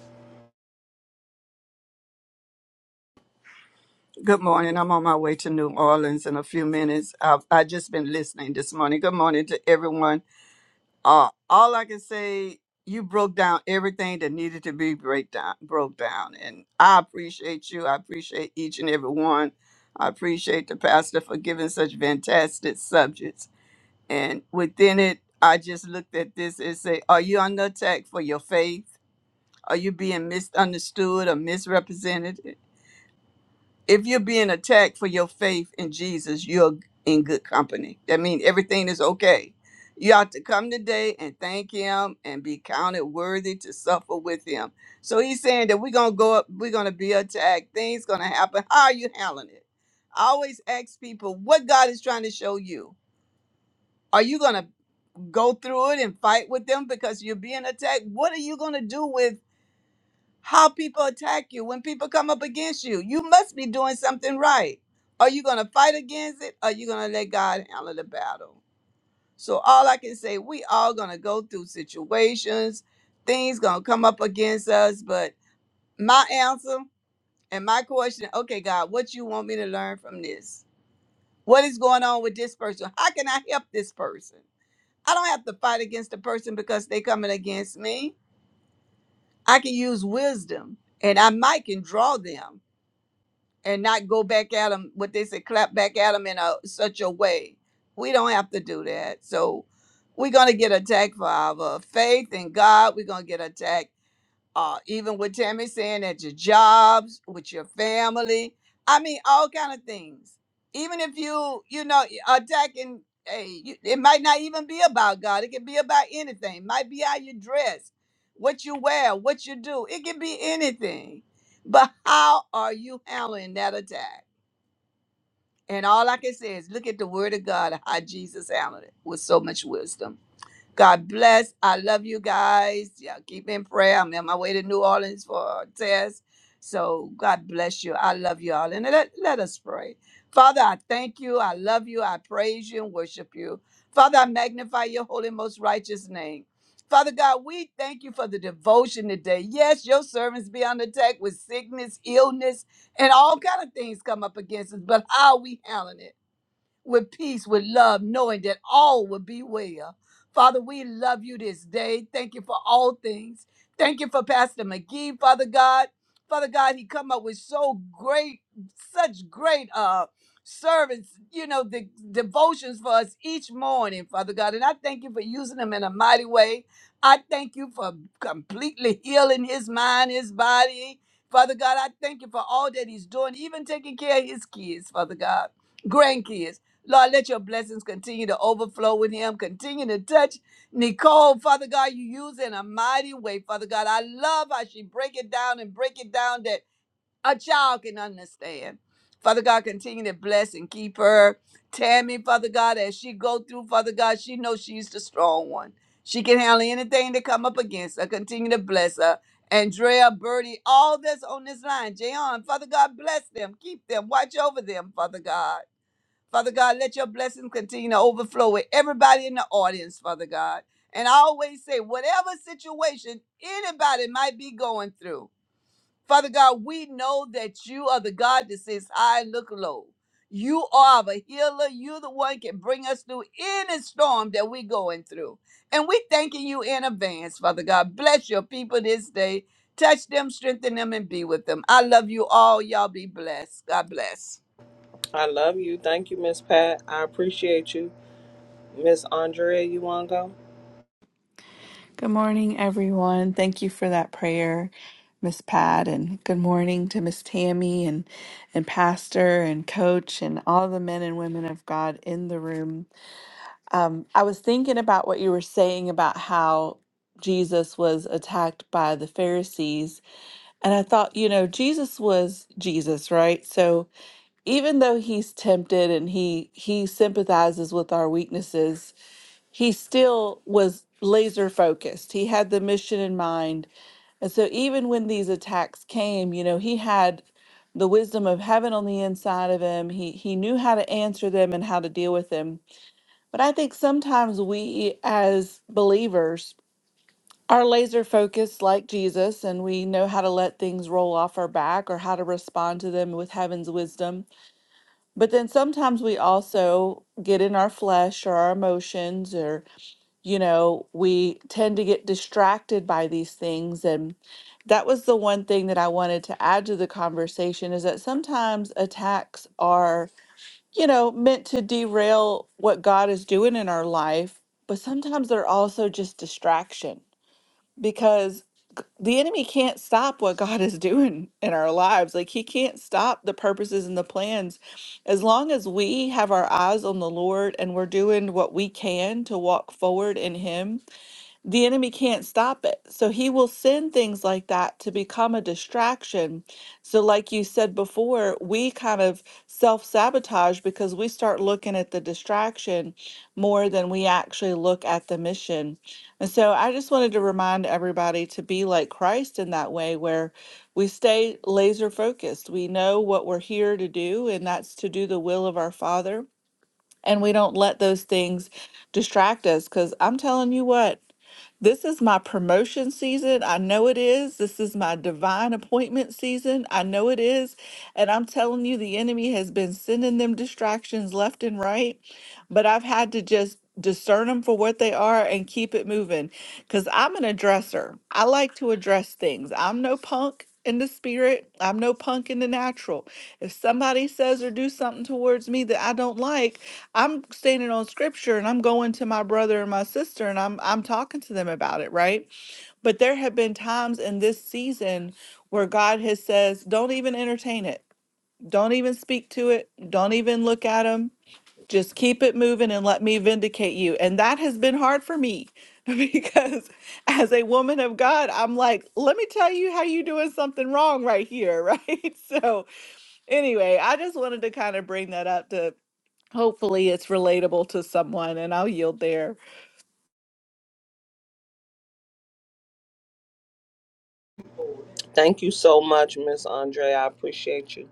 Speaker 3: I love you. Thank you, Miss Pat. I appreciate you. Miss Andrea, you want to go?
Speaker 5: Good morning, everyone. Thank you for that prayer, Miss Pat, and good morning to Miss Tammy and and Pastor and Coach and all the men and women of God in the room. Um, I was thinking about what you were saying about how Jesus was attacked by the Pharisees, and I thought, you know, Jesus was Jesus, right? So even though he's tempted and he he sympathizes with our weaknesses, he still was laser focused. He had the mission in mind. And so even when these attacks came, you know, he had the wisdom of heaven on the inside of him. He he knew how to answer them and how to deal with them. But I think sometimes we as believers are laser focused like Jesus and we know how to let things roll off our back or how to respond to them with heaven's wisdom. But then sometimes we also get in our flesh or our emotions or you know, we tend to get distracted by these things. And that was the one thing that I wanted to add to the conversation is that sometimes attacks are, you know, meant to derail what God is doing in our life, but sometimes they're also just distraction because the enemy can't stop what God is doing in our lives. Like, he can't stop the purposes and the plans. As long as we have our eyes on the Lord and we're doing what we can to walk forward in him the enemy can't stop it. So he will send things like that to become a distraction. So, like you said before, we kind of self sabotage because we start looking at the distraction more than we actually look at the mission. And so, I just wanted to remind everybody to be like Christ in that way, where we stay laser focused. We know what we're here to do, and that's to do the will of our Father and we don't let those things distract us because I'm telling you what, this is my promotion season. I know it is. This is my divine appointment season. I know it is. And I'm telling you, the enemy has been sending them distractions left and right. But I've had to just discern them for what they are and keep it moving because I'm an addresser. I like to address things. I'm no punk in the spirit, I'm no punk in the natural. If somebody says or do something towards me that I don't like, I'm standing on scripture and I'm going to my brother and my sister and I'm I'm talking to them about it, right? But there have been times in this season where God has says, "Don't even entertain it. Don't even speak to it. Don't even look at them. Just keep it moving and let me vindicate you." And that has been hard for me because as a woman of God, I'm like, "Let me tell you how you doing something wrong right here, right?" So, anyway, I just wanted to kind of bring that up to. Hopefully, it's relatable to someone, and I'll yield there.
Speaker 3: Thank you so much, Miss Andrea. I appreciate you.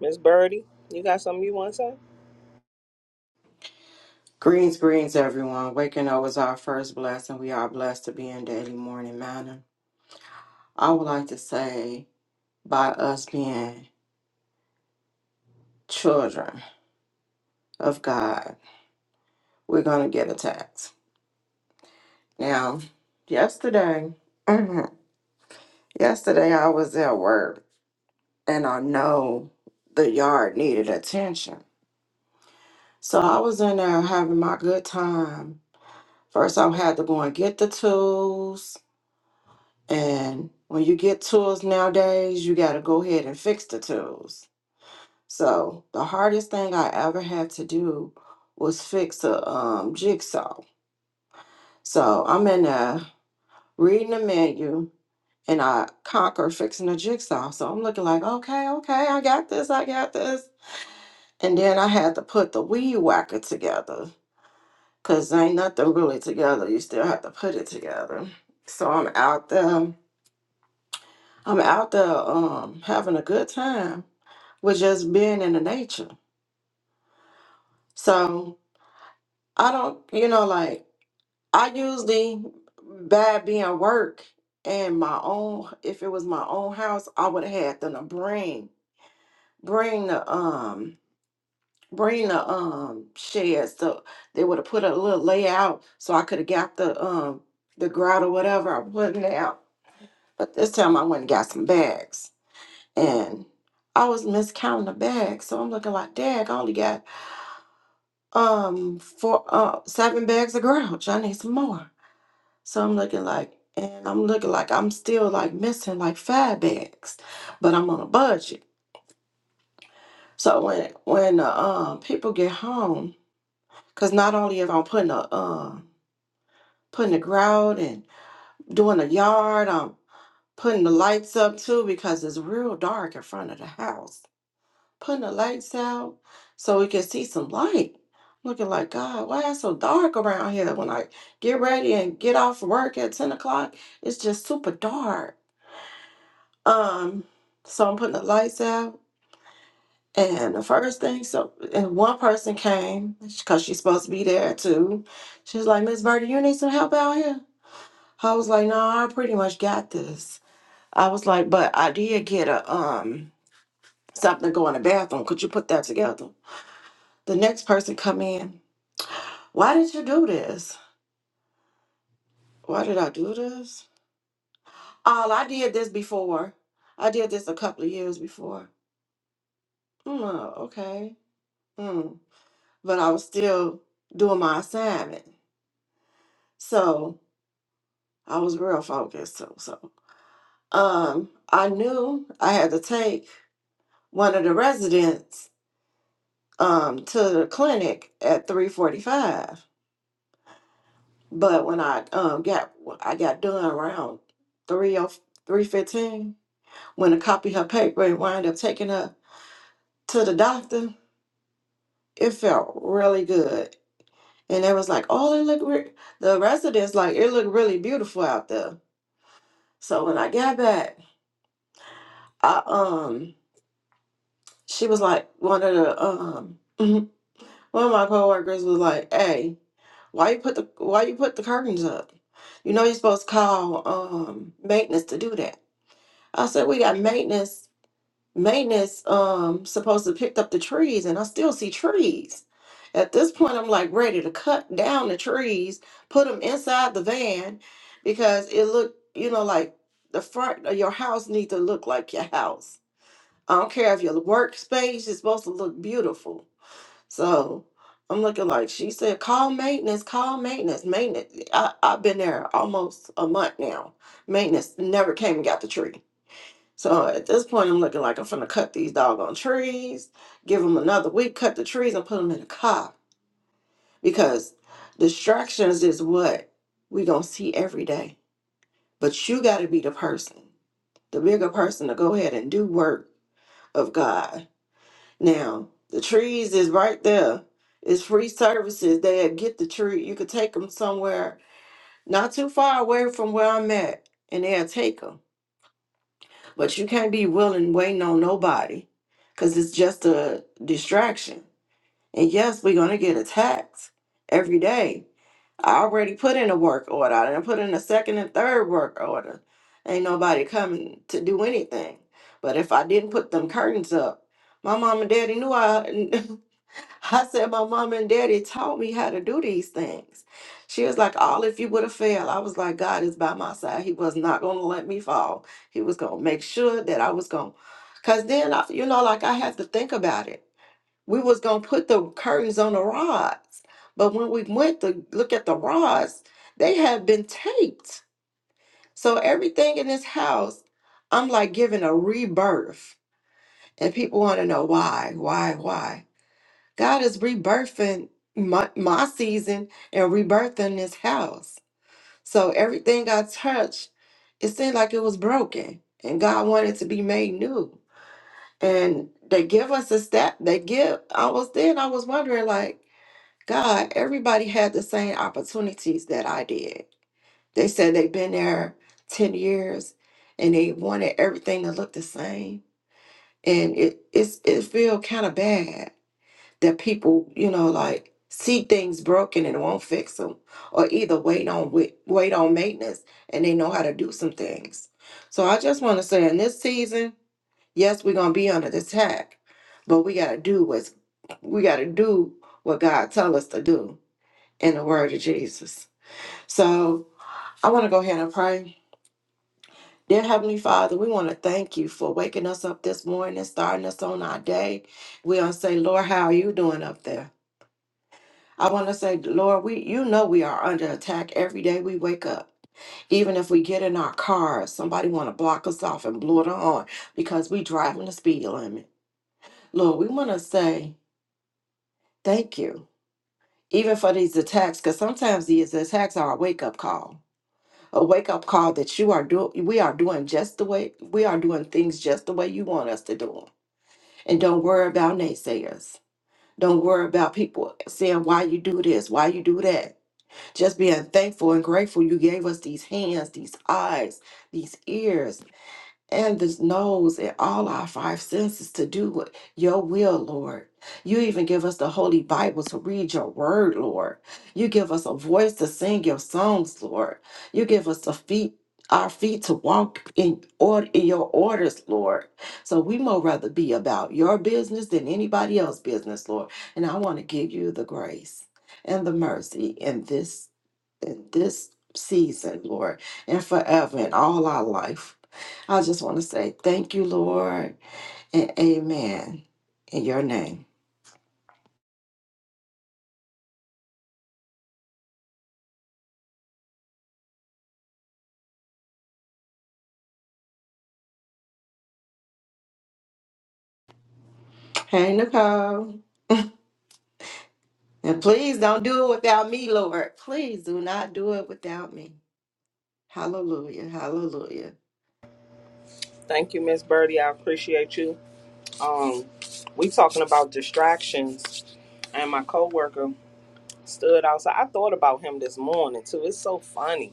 Speaker 3: Miss Birdie, you got something you want to say?
Speaker 6: Greens, greens, everyone. Waking up was our first blessing. We are blessed to be in daily morning manner. I would like to say, by us being children of God, we're going to get attacked. Now, yesterday, mhm, yesterday I was at work and I know the yard needed attention. So I was in there having my good time. First, I had to go and get the tools. And when you get tools nowadays, you got to go ahead and fix the tools. So the hardest thing I ever had to do was fix a um, jigsaw. So I'm in there reading the menu and I conquer fixing a jigsaw. So I'm looking like, okay, okay, I got this, I got this. And then I had to put the weed whacker together because ain't nothing really together. You still have to put it together. So I'm out there. I'm out there um, having a good time with just being in the nature. So I don't, you know, like I usually bad being work and my own. If it was my own house, I would have had them to bring bring the um bring the um sheds so they would have put a little layout so I could have got the um the grout or whatever I putting out. But this time I went and got some bags and I was miscounting the bags, so I'm looking like, Dag, I only got um for uh seven bags of grouch. I need some more. So I'm looking like and I'm looking like I'm still like missing like five bags, but I'm on a budget. So when when uh, um people get home, cause not only am I putting a um putting the grout and doing the yard, I'm putting the lights up too because it's real dark in front of the house. putting the lights out so we can see some light. Looking like God, why it's so dark around here? When I get ready and get off work at ten o'clock, it's just super dark. Um, so I'm putting the lights out, and the first thing, so and one person came because she's supposed to be there too. She's like, Miss Verdi, you need some help out here. I was like, No, I pretty much got this. I was like, but I did get a um something to go in the bathroom. Could you put that together? The next person come in Why did you do this? Why did I do this? Oh, I did this before. I did this a couple of years before. Mm, oh, okay. Mm. But I was still doing my assignment. So I was real focused. So, so. Um, I knew I had to take one of the residents um, to the clinic at 345. But when I um, got I got done around 3 o three fifteen, or when to copy her paper and wind up taking her to the doctor, it felt really good. And it was like, oh, it looked re-. the residents like it looked really beautiful out there. So when I got back, I um she was like one of the um one of my coworkers was like, hey, why you put the why you put the curtains up? You know you're supposed to call um maintenance to do that. I said we got maintenance maintenance um supposed to pick up the trees and I still see trees. At this point I'm like ready to cut down the trees, put them inside the van because it looked, you know, like the front of your house need to look like your house. I don't care if your workspace is supposed to look beautiful. So I'm looking like she said, call maintenance, call maintenance, maintenance. I, I've been there almost a month now. Maintenance never came and got the tree. So at this point, I'm looking like I'm finna cut these doggone trees, give them another week, cut the trees, and put them in a car because distractions is what we gonna see every day. But you gotta be the person, the bigger person, to go ahead and do work of God. Now the trees is right there. It's free services. They get the tree. You could take them somewhere not too far away from where I'm at, and they'll take 'em. But you can't be willing, waiting on nobody, because it's just a distraction. And yes, we're gonna get attacked every day. I already put in a work order. I done put in a second and third work order. Ain't nobody coming to do anything. But if I didn't put them curtains up, my mom and daddy knew I. I said, My mom and daddy taught me how to do these things. She was like, All if you would have failed. I was like, God is by my side. He was not going to let me fall. He was going to make sure that I was going to. Because then, I, you know, like I had to think about it. We was going to put the curtains on the rods. But when we went to look at the rods, they had been taped. So everything in this house, I'm like giving a rebirth. And people want to know why, why, why. God is rebirthing my, my season and rebirthing this house. So everything I touched, it seemed like it was broken, and God wanted to be made new. And they give us a step. They give. I was then. I was wondering, like, God, everybody had the same opportunities that I did. They said they've been there ten years, and they wanted everything to look the same, and it it's, it feel kind of bad that people, you know, like see things broken and won't fix them, or either wait on wait, wait on maintenance and they know how to do some things. So I just want to say, in this season, yes, we're gonna be under attack, but we gotta do what's we gotta do what God tell us to do in the Word of Jesus. So I want to go ahead and pray. Dear Heavenly Father, we want to thank you for waking us up this morning, starting us on our day. We want to say, Lord, how are you doing up there? I want to say, Lord, we you know we are under attack every day we wake up. Even if we get in our cars, somebody want to block us off and blow the horn because we driving the speed limit. Lord, we want to say thank you, even for these attacks, because sometimes these attacks are a wake up call, a wake up call that you are doing. We are doing just the way we are doing things just the way you want us to do them. And don't worry about naysayers. Don't worry about people saying why you do this, why you do that Just being thankful and grateful you gave us these hands, these eyes, these ears, and this nose, and all our five senses to do what your will, Lord. You even give us the Holy Bible to read your word, Lord. You give us a voice to sing your songs, Lord. You give us the feet. Our feet to walk in order in your orders, Lord. So we more rather be about your business than anybody else's business, Lord. And I want to give you the grace and the mercy in this in this season, Lord, and forever in all our life. I just want to say thank you, Lord, and amen in your name. Hey, Nicole. And please don't do it without me, Lord. Please do not do it without me. Hallelujah. Hallelujah.
Speaker 3: Thank you, Miss Birdie. I appreciate you. Um, we talking about distractions, and my coworker. stood outside. I thought about him this morning too. It's so funny.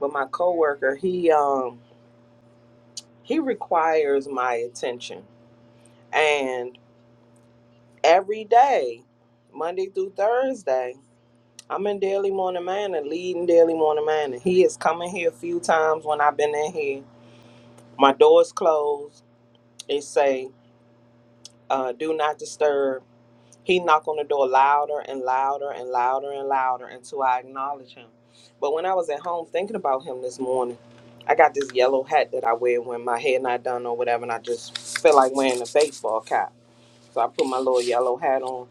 Speaker 3: But my coworker, he um he requires my attention. And every day, Monday through Thursday, I'm in Daily Morning Manor, leading Daily Morning Manor. He has come in here a few times when I've been in here. My door's closed. It say, uh, do not disturb He knocked on the door louder and louder and louder and louder until I acknowledged him. But when I was at home thinking about him this morning, I got this yellow hat that I wear when my hair not done or whatever, and I just feel like wearing a baseball cap. So I put my little yellow hat on,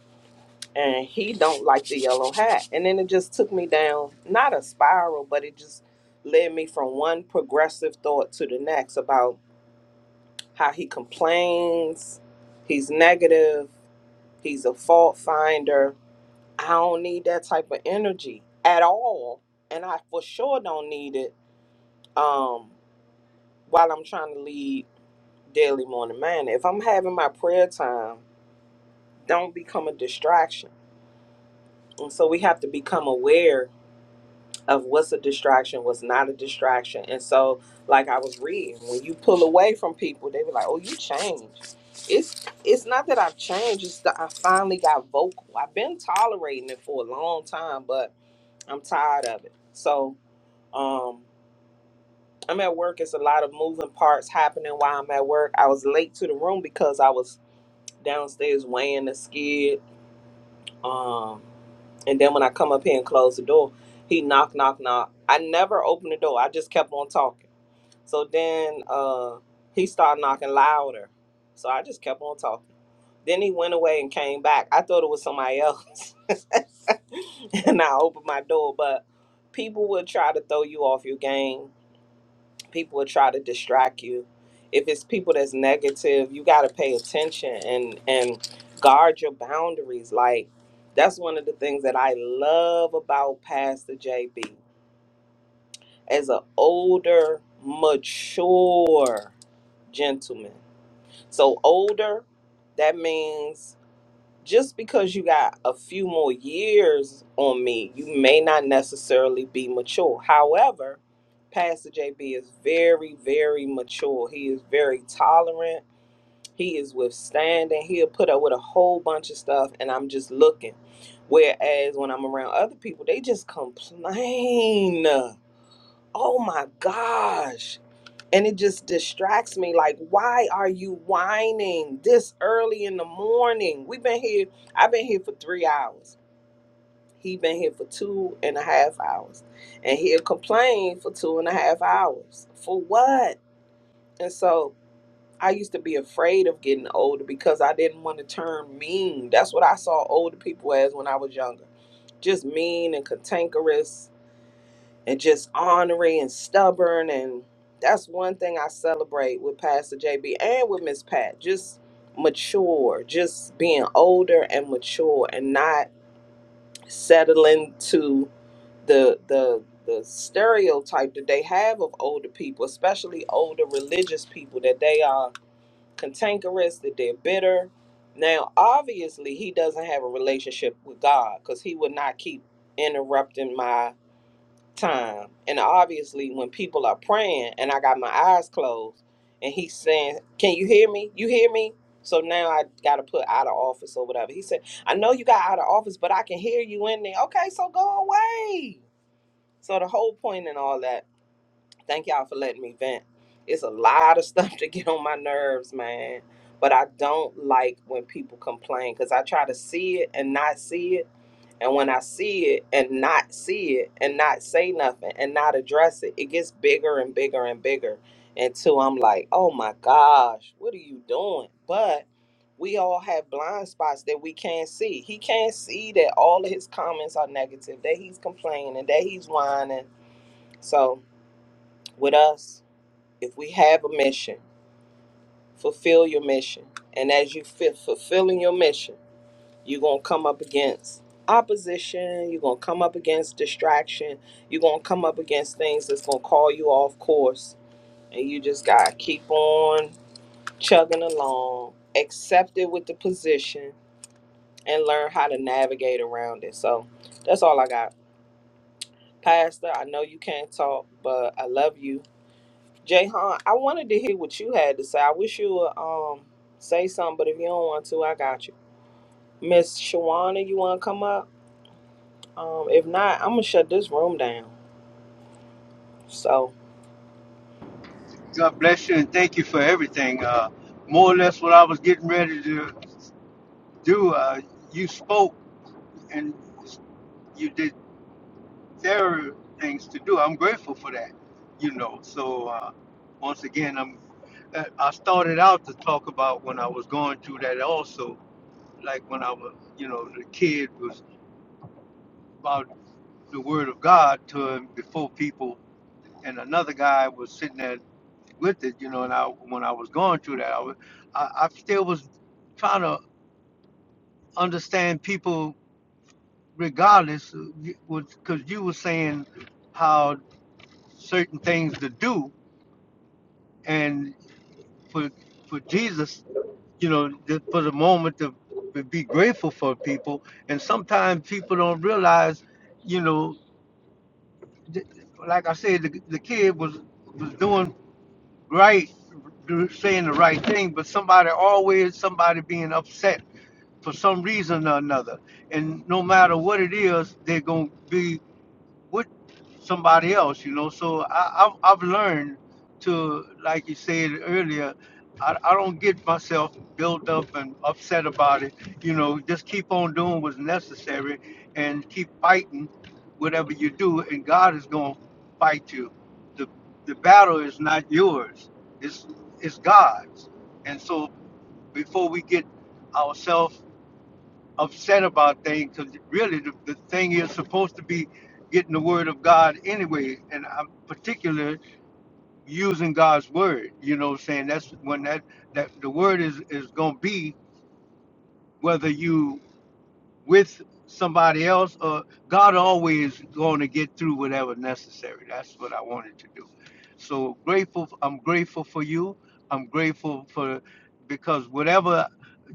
Speaker 3: and he don't like the yellow hat. And then it just took me down, not a spiral, but it just led me from one progressive thought to the next about how he complains, he's negative, he's a fault finder, I don't need that type of energy at all. And I for sure don't need it um, while I'm trying to lead daily morning man. If I'm having my prayer time, don't become a distraction. And so we have to become aware of what's a distraction, what's not a distraction. And so, like I was reading, when you pull away from people, they be like, "Oh, you changed." It's it's not that I've changed. It's that I finally got vocal. I've been tolerating it for a long time, but I'm tired of it. So Um, I'm at work. It's a lot of moving parts happening while I'm at work. I was late to the room because I was downstairs weighing the skid. Um, and then when I come up here and close the door, he knock, knock, knock. I never opened the door. I just kept on talking. So then uh, he started knocking louder. So I just kept on talking. Then he went away and came back. I thought it was somebody else. and I opened my door, but people will try to throw you off your game people will try to distract you if it's people that's negative you got to pay attention and and guard your boundaries like that's one of the things that i love about pastor jb as an older mature gentleman so older that means just because you got a few more years on me, you may not necessarily be mature. However, Pastor JB is very, very mature. He is very tolerant. He is withstanding. He'll put up with a whole bunch of stuff, and I'm just looking. Whereas when I'm around other people, they just complain. Oh my gosh and it just distracts me like why are you whining this early in the morning we've been here i've been here for three hours he been here for two and a half hours and he'll complain for two and a half hours for what and so i used to be afraid of getting older because i didn't want to turn mean that's what i saw older people as when i was younger just mean and cantankerous and just ornery and stubborn and that's one thing I celebrate with Pastor JB and with Miss Pat. Just mature, just being older and mature and not settling to the the the stereotype that they have of older people, especially older religious people, that they are cantankerous, that they're bitter. Now, obviously, he doesn't have a relationship with God because he would not keep interrupting my time. And obviously, when people are praying and I got my eyes closed and he's saying, Can you hear me? You hear me? So now I got to put out of office or whatever. He said, I know you got out of office, but I can hear you in there. Okay, so go away. So the whole point and all that, thank y'all for letting me vent. It's a lot of stuff to get on my nerves, man. But I don't like when people complain because I try to see it and not see it and when I see it and not see it and not say nothing and not address it, it gets bigger and bigger and bigger until I'm like, oh my gosh, what are you doing? But we all have blind spots that we can't see. He can't see that all of his comments are negative, that he's complaining, that he's whining. So, with us, if we have a mission, fulfill your mission. And as you fit fulfilling your mission, you're going to come up against opposition you're going to come up against distraction you're going to come up against things that's going to call you off course and you just got to keep on chugging along accept it with the position and learn how to navigate around it so that's all i got pastor i know you can't talk but i love you jayhan i wanted to hear what you had to say i wish you would um say something but if you don't want to i got you miss shawana you want to come up Um, if not, I'm gonna shut this room down. So
Speaker 1: God bless you and thank you for everything. Uh, more or less what I was getting ready to do. Uh, you spoke and you did. Terror things to do. I'm grateful for that, you know. So uh, once again, I'm. uh, I started out to talk about when I was going through that also, like when I was, you know, the kid was about the word of God to him before people, and another guy was sitting there with it, you know. And I, when I was going through that, I was, I, I still was trying to understand people regardless, because you were saying how certain things to do, and. for for Jesus, you know, just for the moment to, to be grateful for people. And sometimes people don't realize, you know, th- like I said, the, the kid was was doing right, do- saying the right thing, but somebody always somebody being upset for some reason or another. And no matter what it is, they're gonna be with somebody else, you know. So I, I've, I've learned to, like you said earlier, I, I don't get myself built up and upset about it. You know, just keep on doing what's necessary and keep fighting whatever you do, and God is going to fight you. The, the battle is not yours, it's, it's God's. And so before we get ourselves upset about things because really the, the thing is supposed to be getting the word of God anyway, and I'm particular using God's word. You know, what I'm saying that's when that that the word is is gonna be whether you with somebody else, uh, God always going to get through whatever necessary. That's what I wanted to do. So grateful. I'm grateful for you. I'm grateful for because whatever,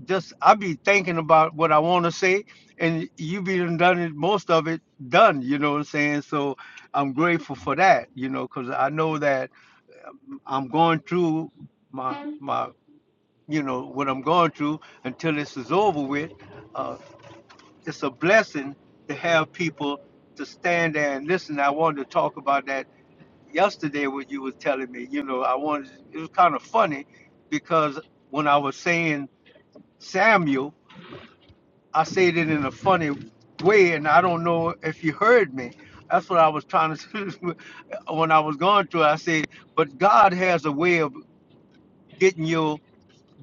Speaker 1: just I be thinking about what I want to say, and you be done done it. Most of it done. You know what I'm saying? So I'm grateful for that. You know, because I know that I'm going through my my you know what I'm going through until this is over with Uh, it's a blessing to have people to stand there and listen. I wanted to talk about that yesterday when you was telling me. You know, I wanted it was kind of funny because when I was saying Samuel, I said it in a funny way, and I don't know if you heard me. That's what I was trying to when I was going through. I said, but God has a way of getting you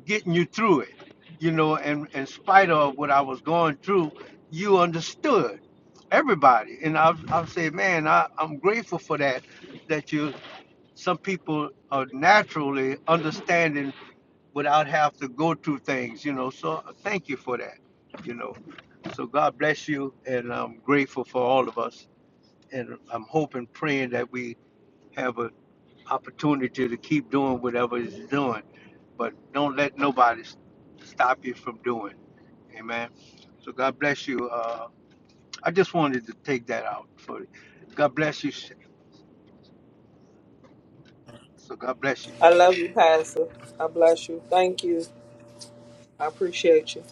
Speaker 1: getting you through it, you know, and in spite of what I was going through, you understood everybody. And I'll, I'll say, man, I, I'm grateful for that, that you, some people are naturally understanding without have to go through things, you know, so uh, thank you for that, you know. So God bless you, and I'm grateful for all of us. And I'm hoping, praying that we have a opportunity to keep doing whatever it's doing. But don't let nobody s- stop you from doing. Amen. So God bless you. Uh, I just wanted to take that out for you. God bless you. Sha- So God bless you.
Speaker 3: I love you, Pastor. I bless you. Thank you. I appreciate you.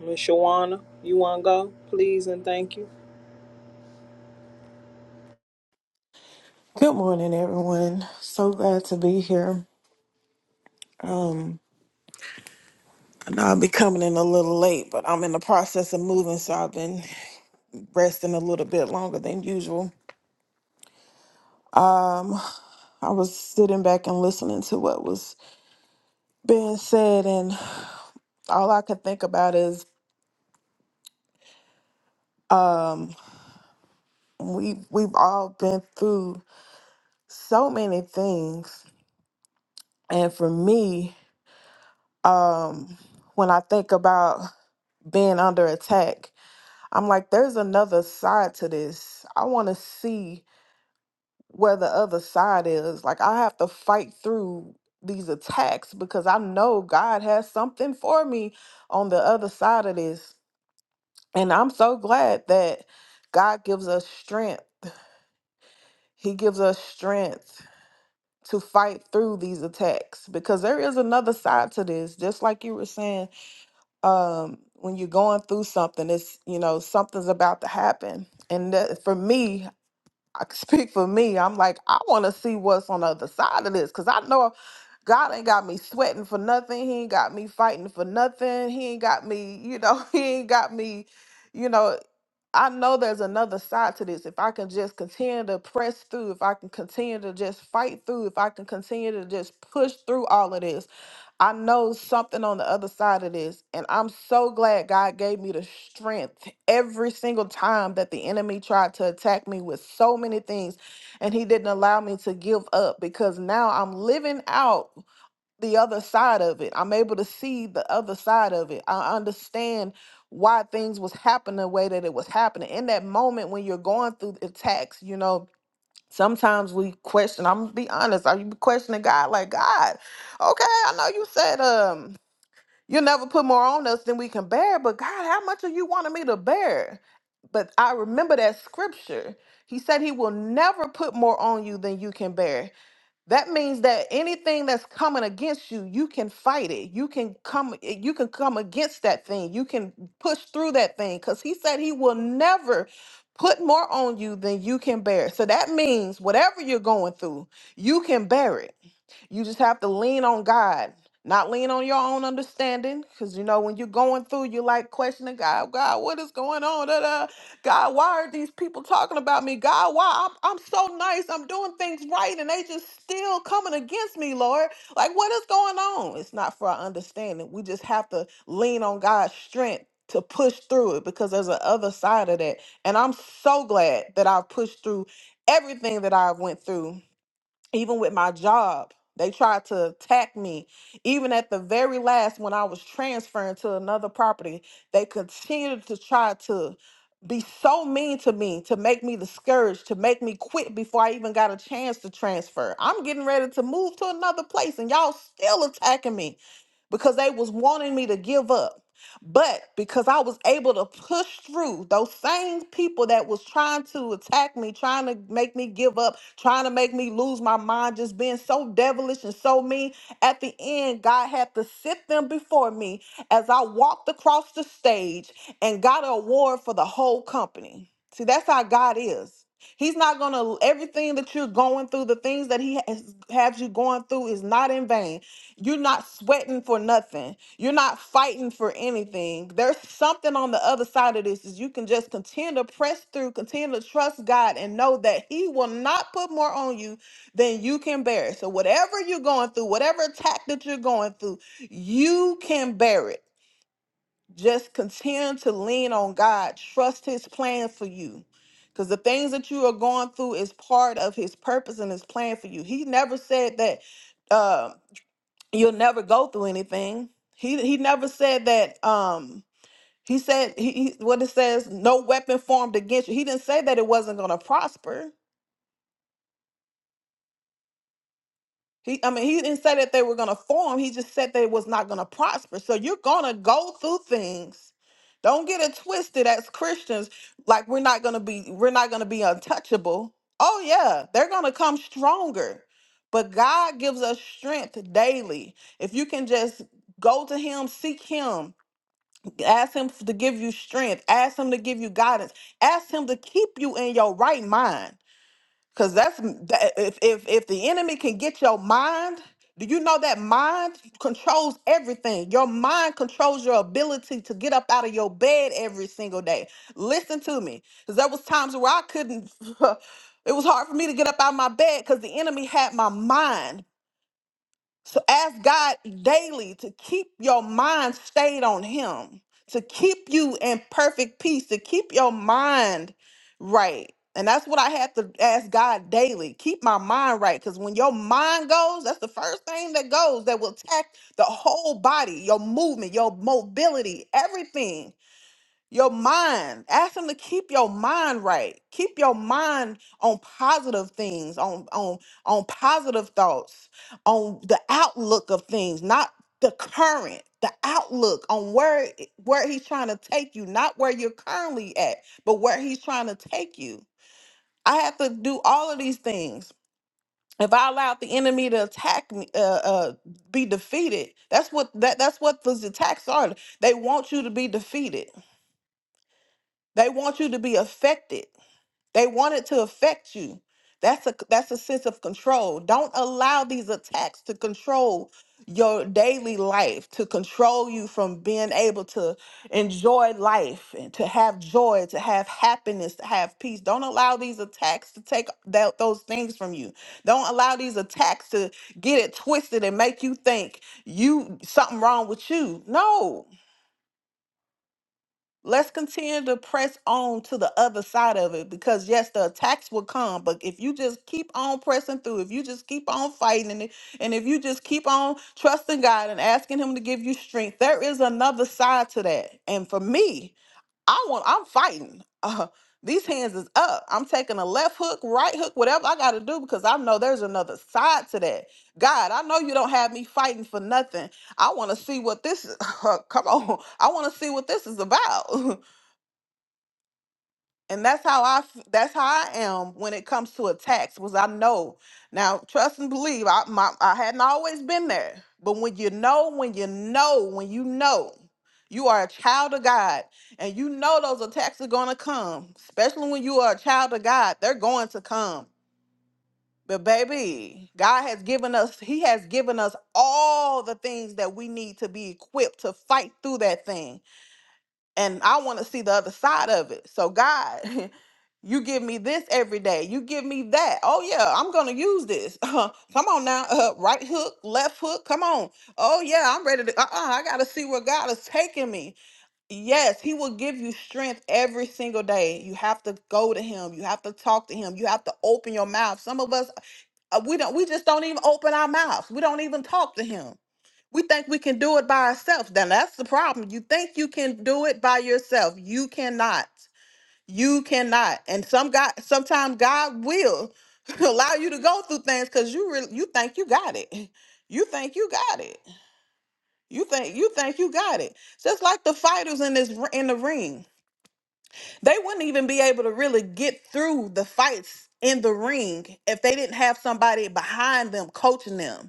Speaker 3: Miss Shawana, you wanna go? Please and thank you.
Speaker 7: Good morning, everyone. So glad to be here. Um, I know I'll be coming in a little late, but I'm in the process of moving, so I've been resting a little bit longer than usual. I was sitting back and listening to what was being said, and all I could think about is we we've all been through so many things, and for me, um, when I think about being under attack, I'm like, there's another side to this. I want to see where the other side is. Like I have to fight through these attacks because I know God has something for me on the other side of this. And I'm so glad that God gives us strength. He gives us strength to fight through these attacks because there is another side to this. Just like you were saying, um, when you're going through something, it's, you know, something's about to happen. And that, for me, I can speak for me. I'm like, I want to see what's on the other side of this because I know God ain't got me sweating for nothing. He ain't got me fighting for nothing. He ain't got me, you know, he ain't got me, you know. I know there's another side to this. If I can just continue to press through, if I can continue to just fight through, if I can continue to just push through all of this, I know something on the other side of this. And I'm so glad God gave me the strength every single time that the enemy tried to attack me with so many things. And he didn't allow me to give up because now I'm living out the other side of it. I'm able to see the other side of it. I understand why things was happening the way that it was happening. In that moment when you're going through the attacks, you know, Sometimes we question, I'm gonna be honest, are you questioning God like God? Okay, I know you said um you'll never put more on us than we can bear, but God, how much are you wanting me to bear? But I remember that scripture. He said he will never put more on you than you can bear that means that anything that's coming against you you can fight it you can come eh, you can come against that thing you can push through that thing because he said he will never put more on you than you can bear so that means whatever you're going through you can bear it you just have to lean on God, not lean on your own understanding. Because, you know, when you're going through, you're like questioning God, God, what is going on? Da, da. God, why are these people talking about me? God, why? I'm, I'm so nice. I'm doing things right. And they just still coming against me, Lord. Like, what is going on? It's not for our understanding. We just have to lean on God's strength to push through it because there's a other side of that. And I'm so glad that I've pushed through everything that I went through even with my job they tried to attack me even at the very last when i was transferring to another property they continued to try to be so mean to me to make me discouraged to make me quit before i even got a chance to transfer i'm getting ready to move to another place and y'all still attacking me because they was wanting me to give up. But because I was able to push through those same people that was trying to attack me, trying to make me give up, trying to make me lose my mind, just being so devilish and so mean, at the end, God had to sit them before me as I walked across the stage and got an award for the whole company. See, that's how God is. He's not gonna everything that you're going through, the things that he has, has you going through is not in vain. You're not sweating for nothing. You're not fighting for anything. There's something on the other side of this is you can just continue to press through, continue to trust God and know that he will not put more on you than you can bear. So whatever you're going through, whatever attack that you're going through, you can bear it. Just continue to lean on God. Trust his plan for you. Because the things that you are going through is part of his purpose and his plan for you. He never said that. uh, you'll never go through anything. He he never said that. Um, he said he, he what it says, no weapon formed against you. He didn't say that it wasn't going to prosper. He, I mean, he didn't say that they were going to form. He just said that it was not going to prosper. So you're going to go through things. Don't get it twisted as Christians. Like we're not going to be, we're not going to be untouchable. Oh yeah, they're going to come stronger. But God gives us strength daily. If you can just go to Him, seek Him, Ask him to give you strength. Ask him to give you guidance. Ask him to keep you in your right mind. Cause that's that- if if if the enemy can get your mind, do you know that mind controls everything? Your mind controls your ability to get up out of your bed every single day. Listen to me, cause there was times where I couldn't. It was hard for me to get up out of my bed because the enemy had my mind so ask God daily to keep your mind stayed on Him, to keep you in perfect peace, to keep your mind right. And that's what I have to ask God daily. Keep my mind right. Because when your mind goes, that's the first thing that goes that will attack the whole body, your movement, your mobility, everything. Your mind. Ask him to keep your mind right. Keep your mind on positive things, on on on positive thoughts, on the outlook of things, not the current, the outlook on where where he's trying to take you, not where you're currently at, but where he's trying to take you. I have to do all of these things. If I allowed the enemy to attack me, uh, uh, be defeated. That's what that that's what those attacks are. They want you to be defeated. They want you to be affected. They want it to affect you. That's a that's a sense of control. Don't allow these attacks to control your daily life, to control you from being able to enjoy life and to have joy, to have happiness, to have peace. Don't allow these attacks to take that, those things from you. Don't allow these attacks to get it twisted and make you think you something wrong with you. No. Let's continue to press on to the other side of it because yes, the attacks will come, but if you just keep on pressing through, if you just keep on fighting it, and if you just keep on trusting God and asking Him to give you strength, there is another side to that. And for me, I want I'm fighting. Uh, these hands is up. I'm taking a left hook, right hook, whatever I got to do because I know there's another side to that. God, I know you don't have me fighting for nothing. I want to see what this. come on, I want to see what this is about. and that's how I f- that's how I am when it comes to attacks. Was I know now? Trust and believe. I my I hadn't always been there, but when you know, when you know, when you know, you are a child of God, and you know those attacks are gonna come. Especially when you are a child of God, they're going to come. But baby, God has given us. He has given us all the things that we need to be equipped to fight through that thing and I want to see the other side of it. So God, you give me this every day. You give me that. Oh yeah, I'm gonna use this. come on now, uh, right hook, left hook. Come on. Oh yeah, I'm ready to. Uh-uh, I gotta see where God is taking me. Yes, He will give you strength every single day. You have to go to Him. You have to talk to Him. You have to open your mouth. Some of us, uh, we don't. We just don't even open our mouths. We don't even talk to Him. We think we can do it by ourselves. Then that's the problem. You think you can do it by yourself. You cannot. You cannot. And some God, sometimes God will allow you to go through things because you really you think you got it. You think you got it. You think you think you got it. Just like the fighters in this r- in the ring, they wouldn't even be able to really get through the fights in the ring if they didn't have somebody behind them coaching them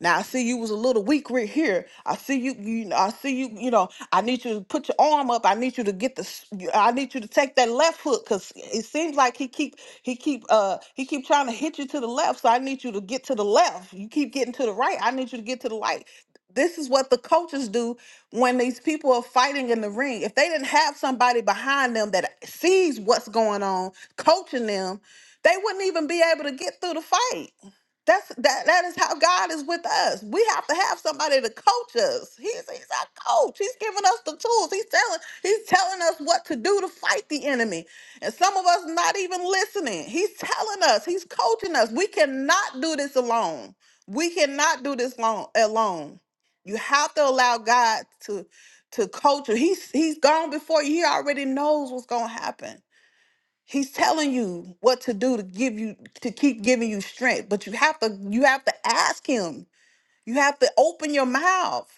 Speaker 7: now I see you was a little weak right here. I see you, you know, I see you, you know, I need you to put your arm up. I need you to get the s- you- I need you to take that left hook cuz it seems like he keep he keep uh he keep trying to hit you to the left. So I need you to get to the left. You keep getting to the right. I need you to get to the right. This is what the coaches do when these people are fighting in the ring. If they didn't have somebody behind them that sees what's going on, coaching them, they wouldn't even be able to get through the fight. That's that. That is how God is with us. We have to have somebody to coach us. He's He's our coach. He's giving us the tools. He's telling He's telling us what to do to fight the enemy. And some of us not even listening. He's telling us. He's coaching us. We cannot do this alone. We cannot do this long alone. You have to allow God to to coach you. He's He's gone before you. He already knows what's gonna happen. He's telling you what to do to give you to keep giving you strength, but you have to you have to ask him. You have to open your mouth.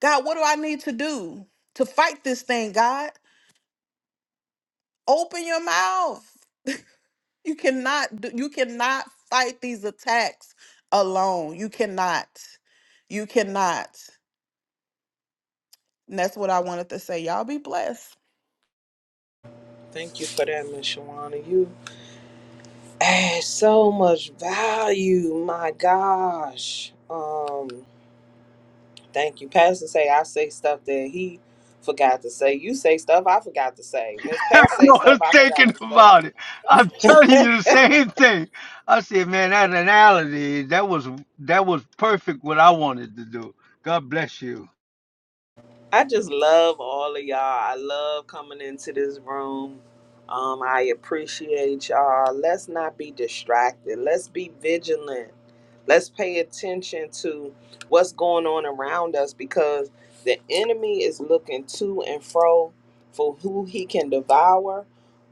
Speaker 7: God, what do I need to do to fight this thing, God? Open your mouth. You cannot do, you cannot fight these attacks alone. You cannot. You cannot. And that's what I wanted to say. Y'all be blessed.
Speaker 3: Thank you for that, Miss Shawana. You add so much value. My gosh. Um, thank you. Pastor say I say stuff that he forgot to say. You say stuff I forgot to say. Miss
Speaker 1: I
Speaker 3: Pat say stuff
Speaker 1: was
Speaker 3: I
Speaker 1: thinking
Speaker 3: forgot to say.
Speaker 1: about it. I'm telling you the same thing. I said, man, that analogy, that was that was perfect what I wanted to do. God bless you.
Speaker 3: I just love all of y'all. I love coming into this room. Um, I appreciate y'all. Let's not be distracted. Let's be vigilant. Let's pay attention to what's going on around us because the enemy is looking to and fro for who he can devour,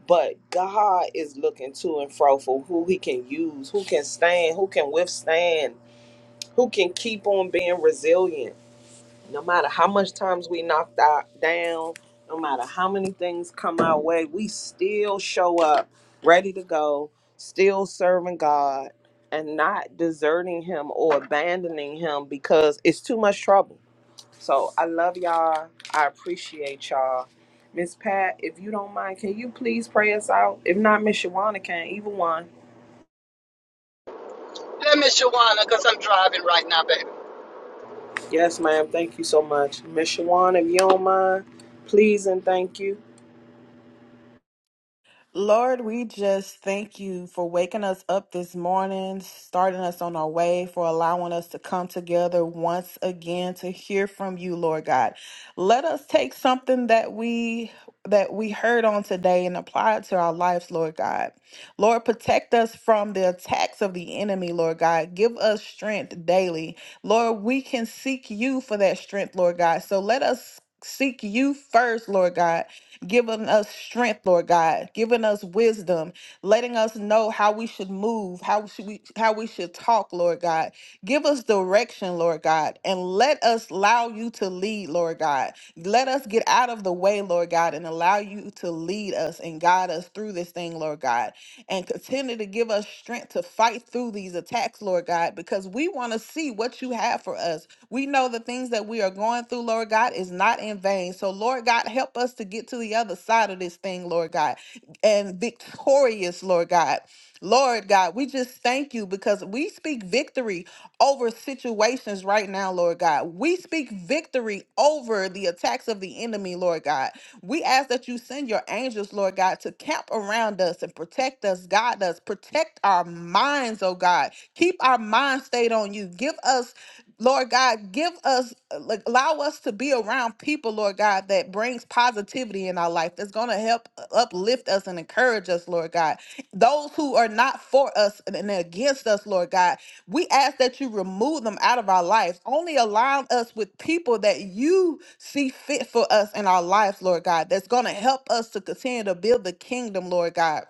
Speaker 3: but God is looking to and fro for who he can use, who can stand, who can withstand, who can keep on being resilient. No matter how much times we knocked out down, no matter how many things come our way, we still show up ready to go, still serving God and not deserting him or abandoning him because it's too much trouble. So I love y'all. I appreciate y'all. Miss Pat, if you don't mind, can you please pray us out? If not, Miss Shawana can, either one.
Speaker 8: Hey, me Shawana, because I'm driving right now, baby.
Speaker 3: Yes, ma'am. Thank you so much. Miss Shawana, if you don't mind, please and thank you.
Speaker 7: Lord, we just thank you for waking us up this morning, starting us on our way, for allowing us to come together once again to hear from you, Lord God. Let us take something that we that we heard on today and apply it to our lives, Lord God. Lord, protect us from the attacks of the enemy, Lord God. Give us strength daily. Lord, we can seek you for that strength, Lord God. So let us seek you first, Lord God giving us strength, Lord God, giving us wisdom, letting us know how we should move, how should we how we should talk, Lord God. Give us direction, Lord God, and let us allow you to lead, Lord God. Let us get out of the way, Lord God, and allow you to lead us and guide us through this thing, Lord God. And continue to give us strength to fight through these attacks, Lord God, because we want to see what you have for us. We know the things that we are going through, Lord God, is not in vain. So, Lord God, help us to get to the other side of this thing, Lord God, and victorious, Lord God. Lord God, we just thank you because we speak victory over situations right now, Lord God. We speak victory over the attacks of the enemy, Lord God. We ask that you send your angels, Lord God, to camp around us and protect us, guide us, protect our minds, oh God. Keep our minds stayed on you. Give us Lord God, give us, uh, like, allow us to be around people, Lord God, that brings positivity in our life, that's going to help uh, uplift us and encourage us, Lord God. Those who are not for us and and against us, Lord God, we ask that you remove them out of our lives. Only align us with people that you see fit for us in our lives, Lord God, that's going to help us to continue to build the kingdom, Lord God.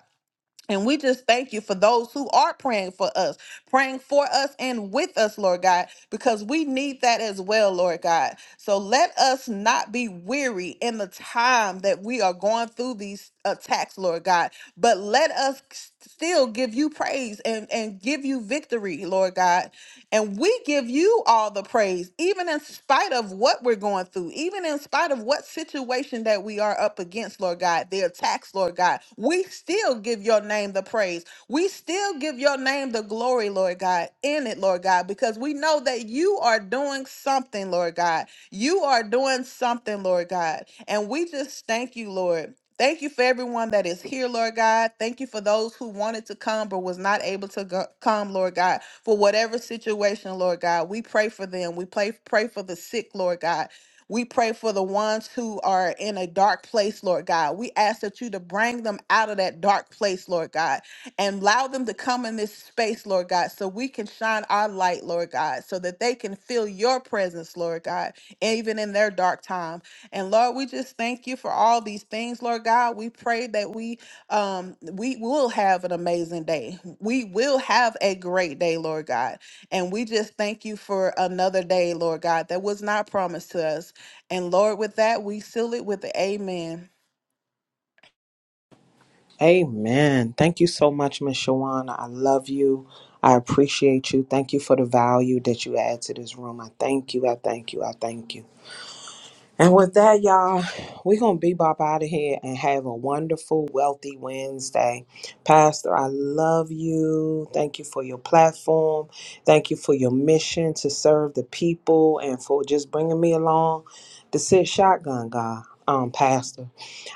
Speaker 7: And we just thank you for those who are praying for us, praying for us and with us, Lord God, because we need that as well, Lord God. So let us not be weary in the time that we are going through these attacks, Lord God, but let us still give you praise and, and give you victory, Lord God. And we give you all the praise, even in spite of what we're going through, even in spite of what situation that we are up against, Lord God, the attacks, Lord God. We still give your name the praise. We still give your name the glory, Lord God, in it, Lord God, because we know that you are doing something, Lord God. You are doing something, Lord God. And we just thank you, Lord. Thank you for everyone that is here, Lord God. Thank you for those who wanted to come but was not able to go- come, Lord God for whatever situation, Lord God. We pray for them. We pray, pray for the sick, Lord God. We pray for the ones who are in a dark place, Lord God. We ask that you to bring them out of that dark place, Lord God, and allow them to come in this space, Lord God, so we can shine our light, Lord God, so that they can feel your presence, Lord God, even in their dark time. And Lord, we just thank you for all these things, Lord God. We pray that we um, we will have an amazing day. We will have a great day, Lord God. And we just thank you for another day, Lord God, that was not promised to us. And Lord, with that, we seal it with the amen.
Speaker 3: Amen. Thank you so much, Miss Shawana. I love you. I appreciate you. Thank you for the value that you add to this room. I thank you. I thank you. I thank you. And with that, y'all, we're going to bebop out of here and have a wonderful, wealthy Wednesday. Pastor, I love you. Thank you for your platform. Thank you for your mission to serve the people and for just bringing me along to sit shotgun, God, um, Pastor.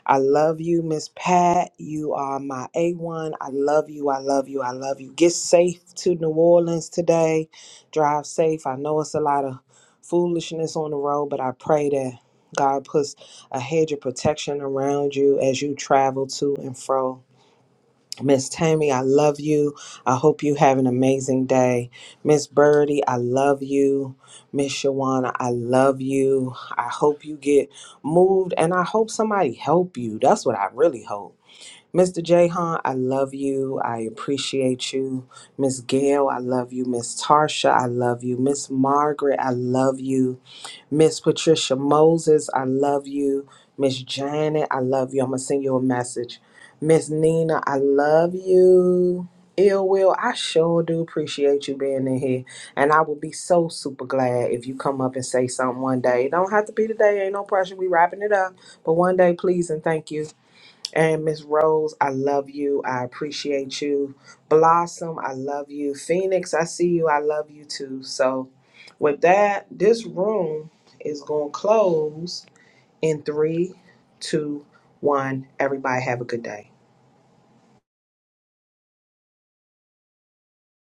Speaker 3: I love you, Miss Pat. You are my A1. I love you. I love you. I love you. Get safe to New Orleans today. Drive safe. I know it's a lot of foolishness on the road, but I pray that God puts a hedge of protection around you as you travel to and fro Miss Tammy, I love you. I hope you have an amazing day. Miss Birdie, I love you. Miss Shawana, I love you. I hope you get moved and I hope somebody help you. That's what I really hope. Mr. Jahan, I love you. I appreciate you. Miss Gail, I love you. Miss Tarsha, I love you. Miss Margaret, I love you. Miss Patricia Moses, I love you. Miss Janet, I love you. I'm going to send you a message. Miss Nina, I love you. Ill Will, I sure do appreciate you being in here. And I would be so super glad if you come up and say something one day. It don't have to be today, ain't no pressure. We wrapping it up. But one day, please and thank you. And Miss Rose, I love you. I appreciate you. Blossom, I love you. Phoenix, I see you. I love you too. So, with that, this room is going to close in three, two, one. Everybody have a good day.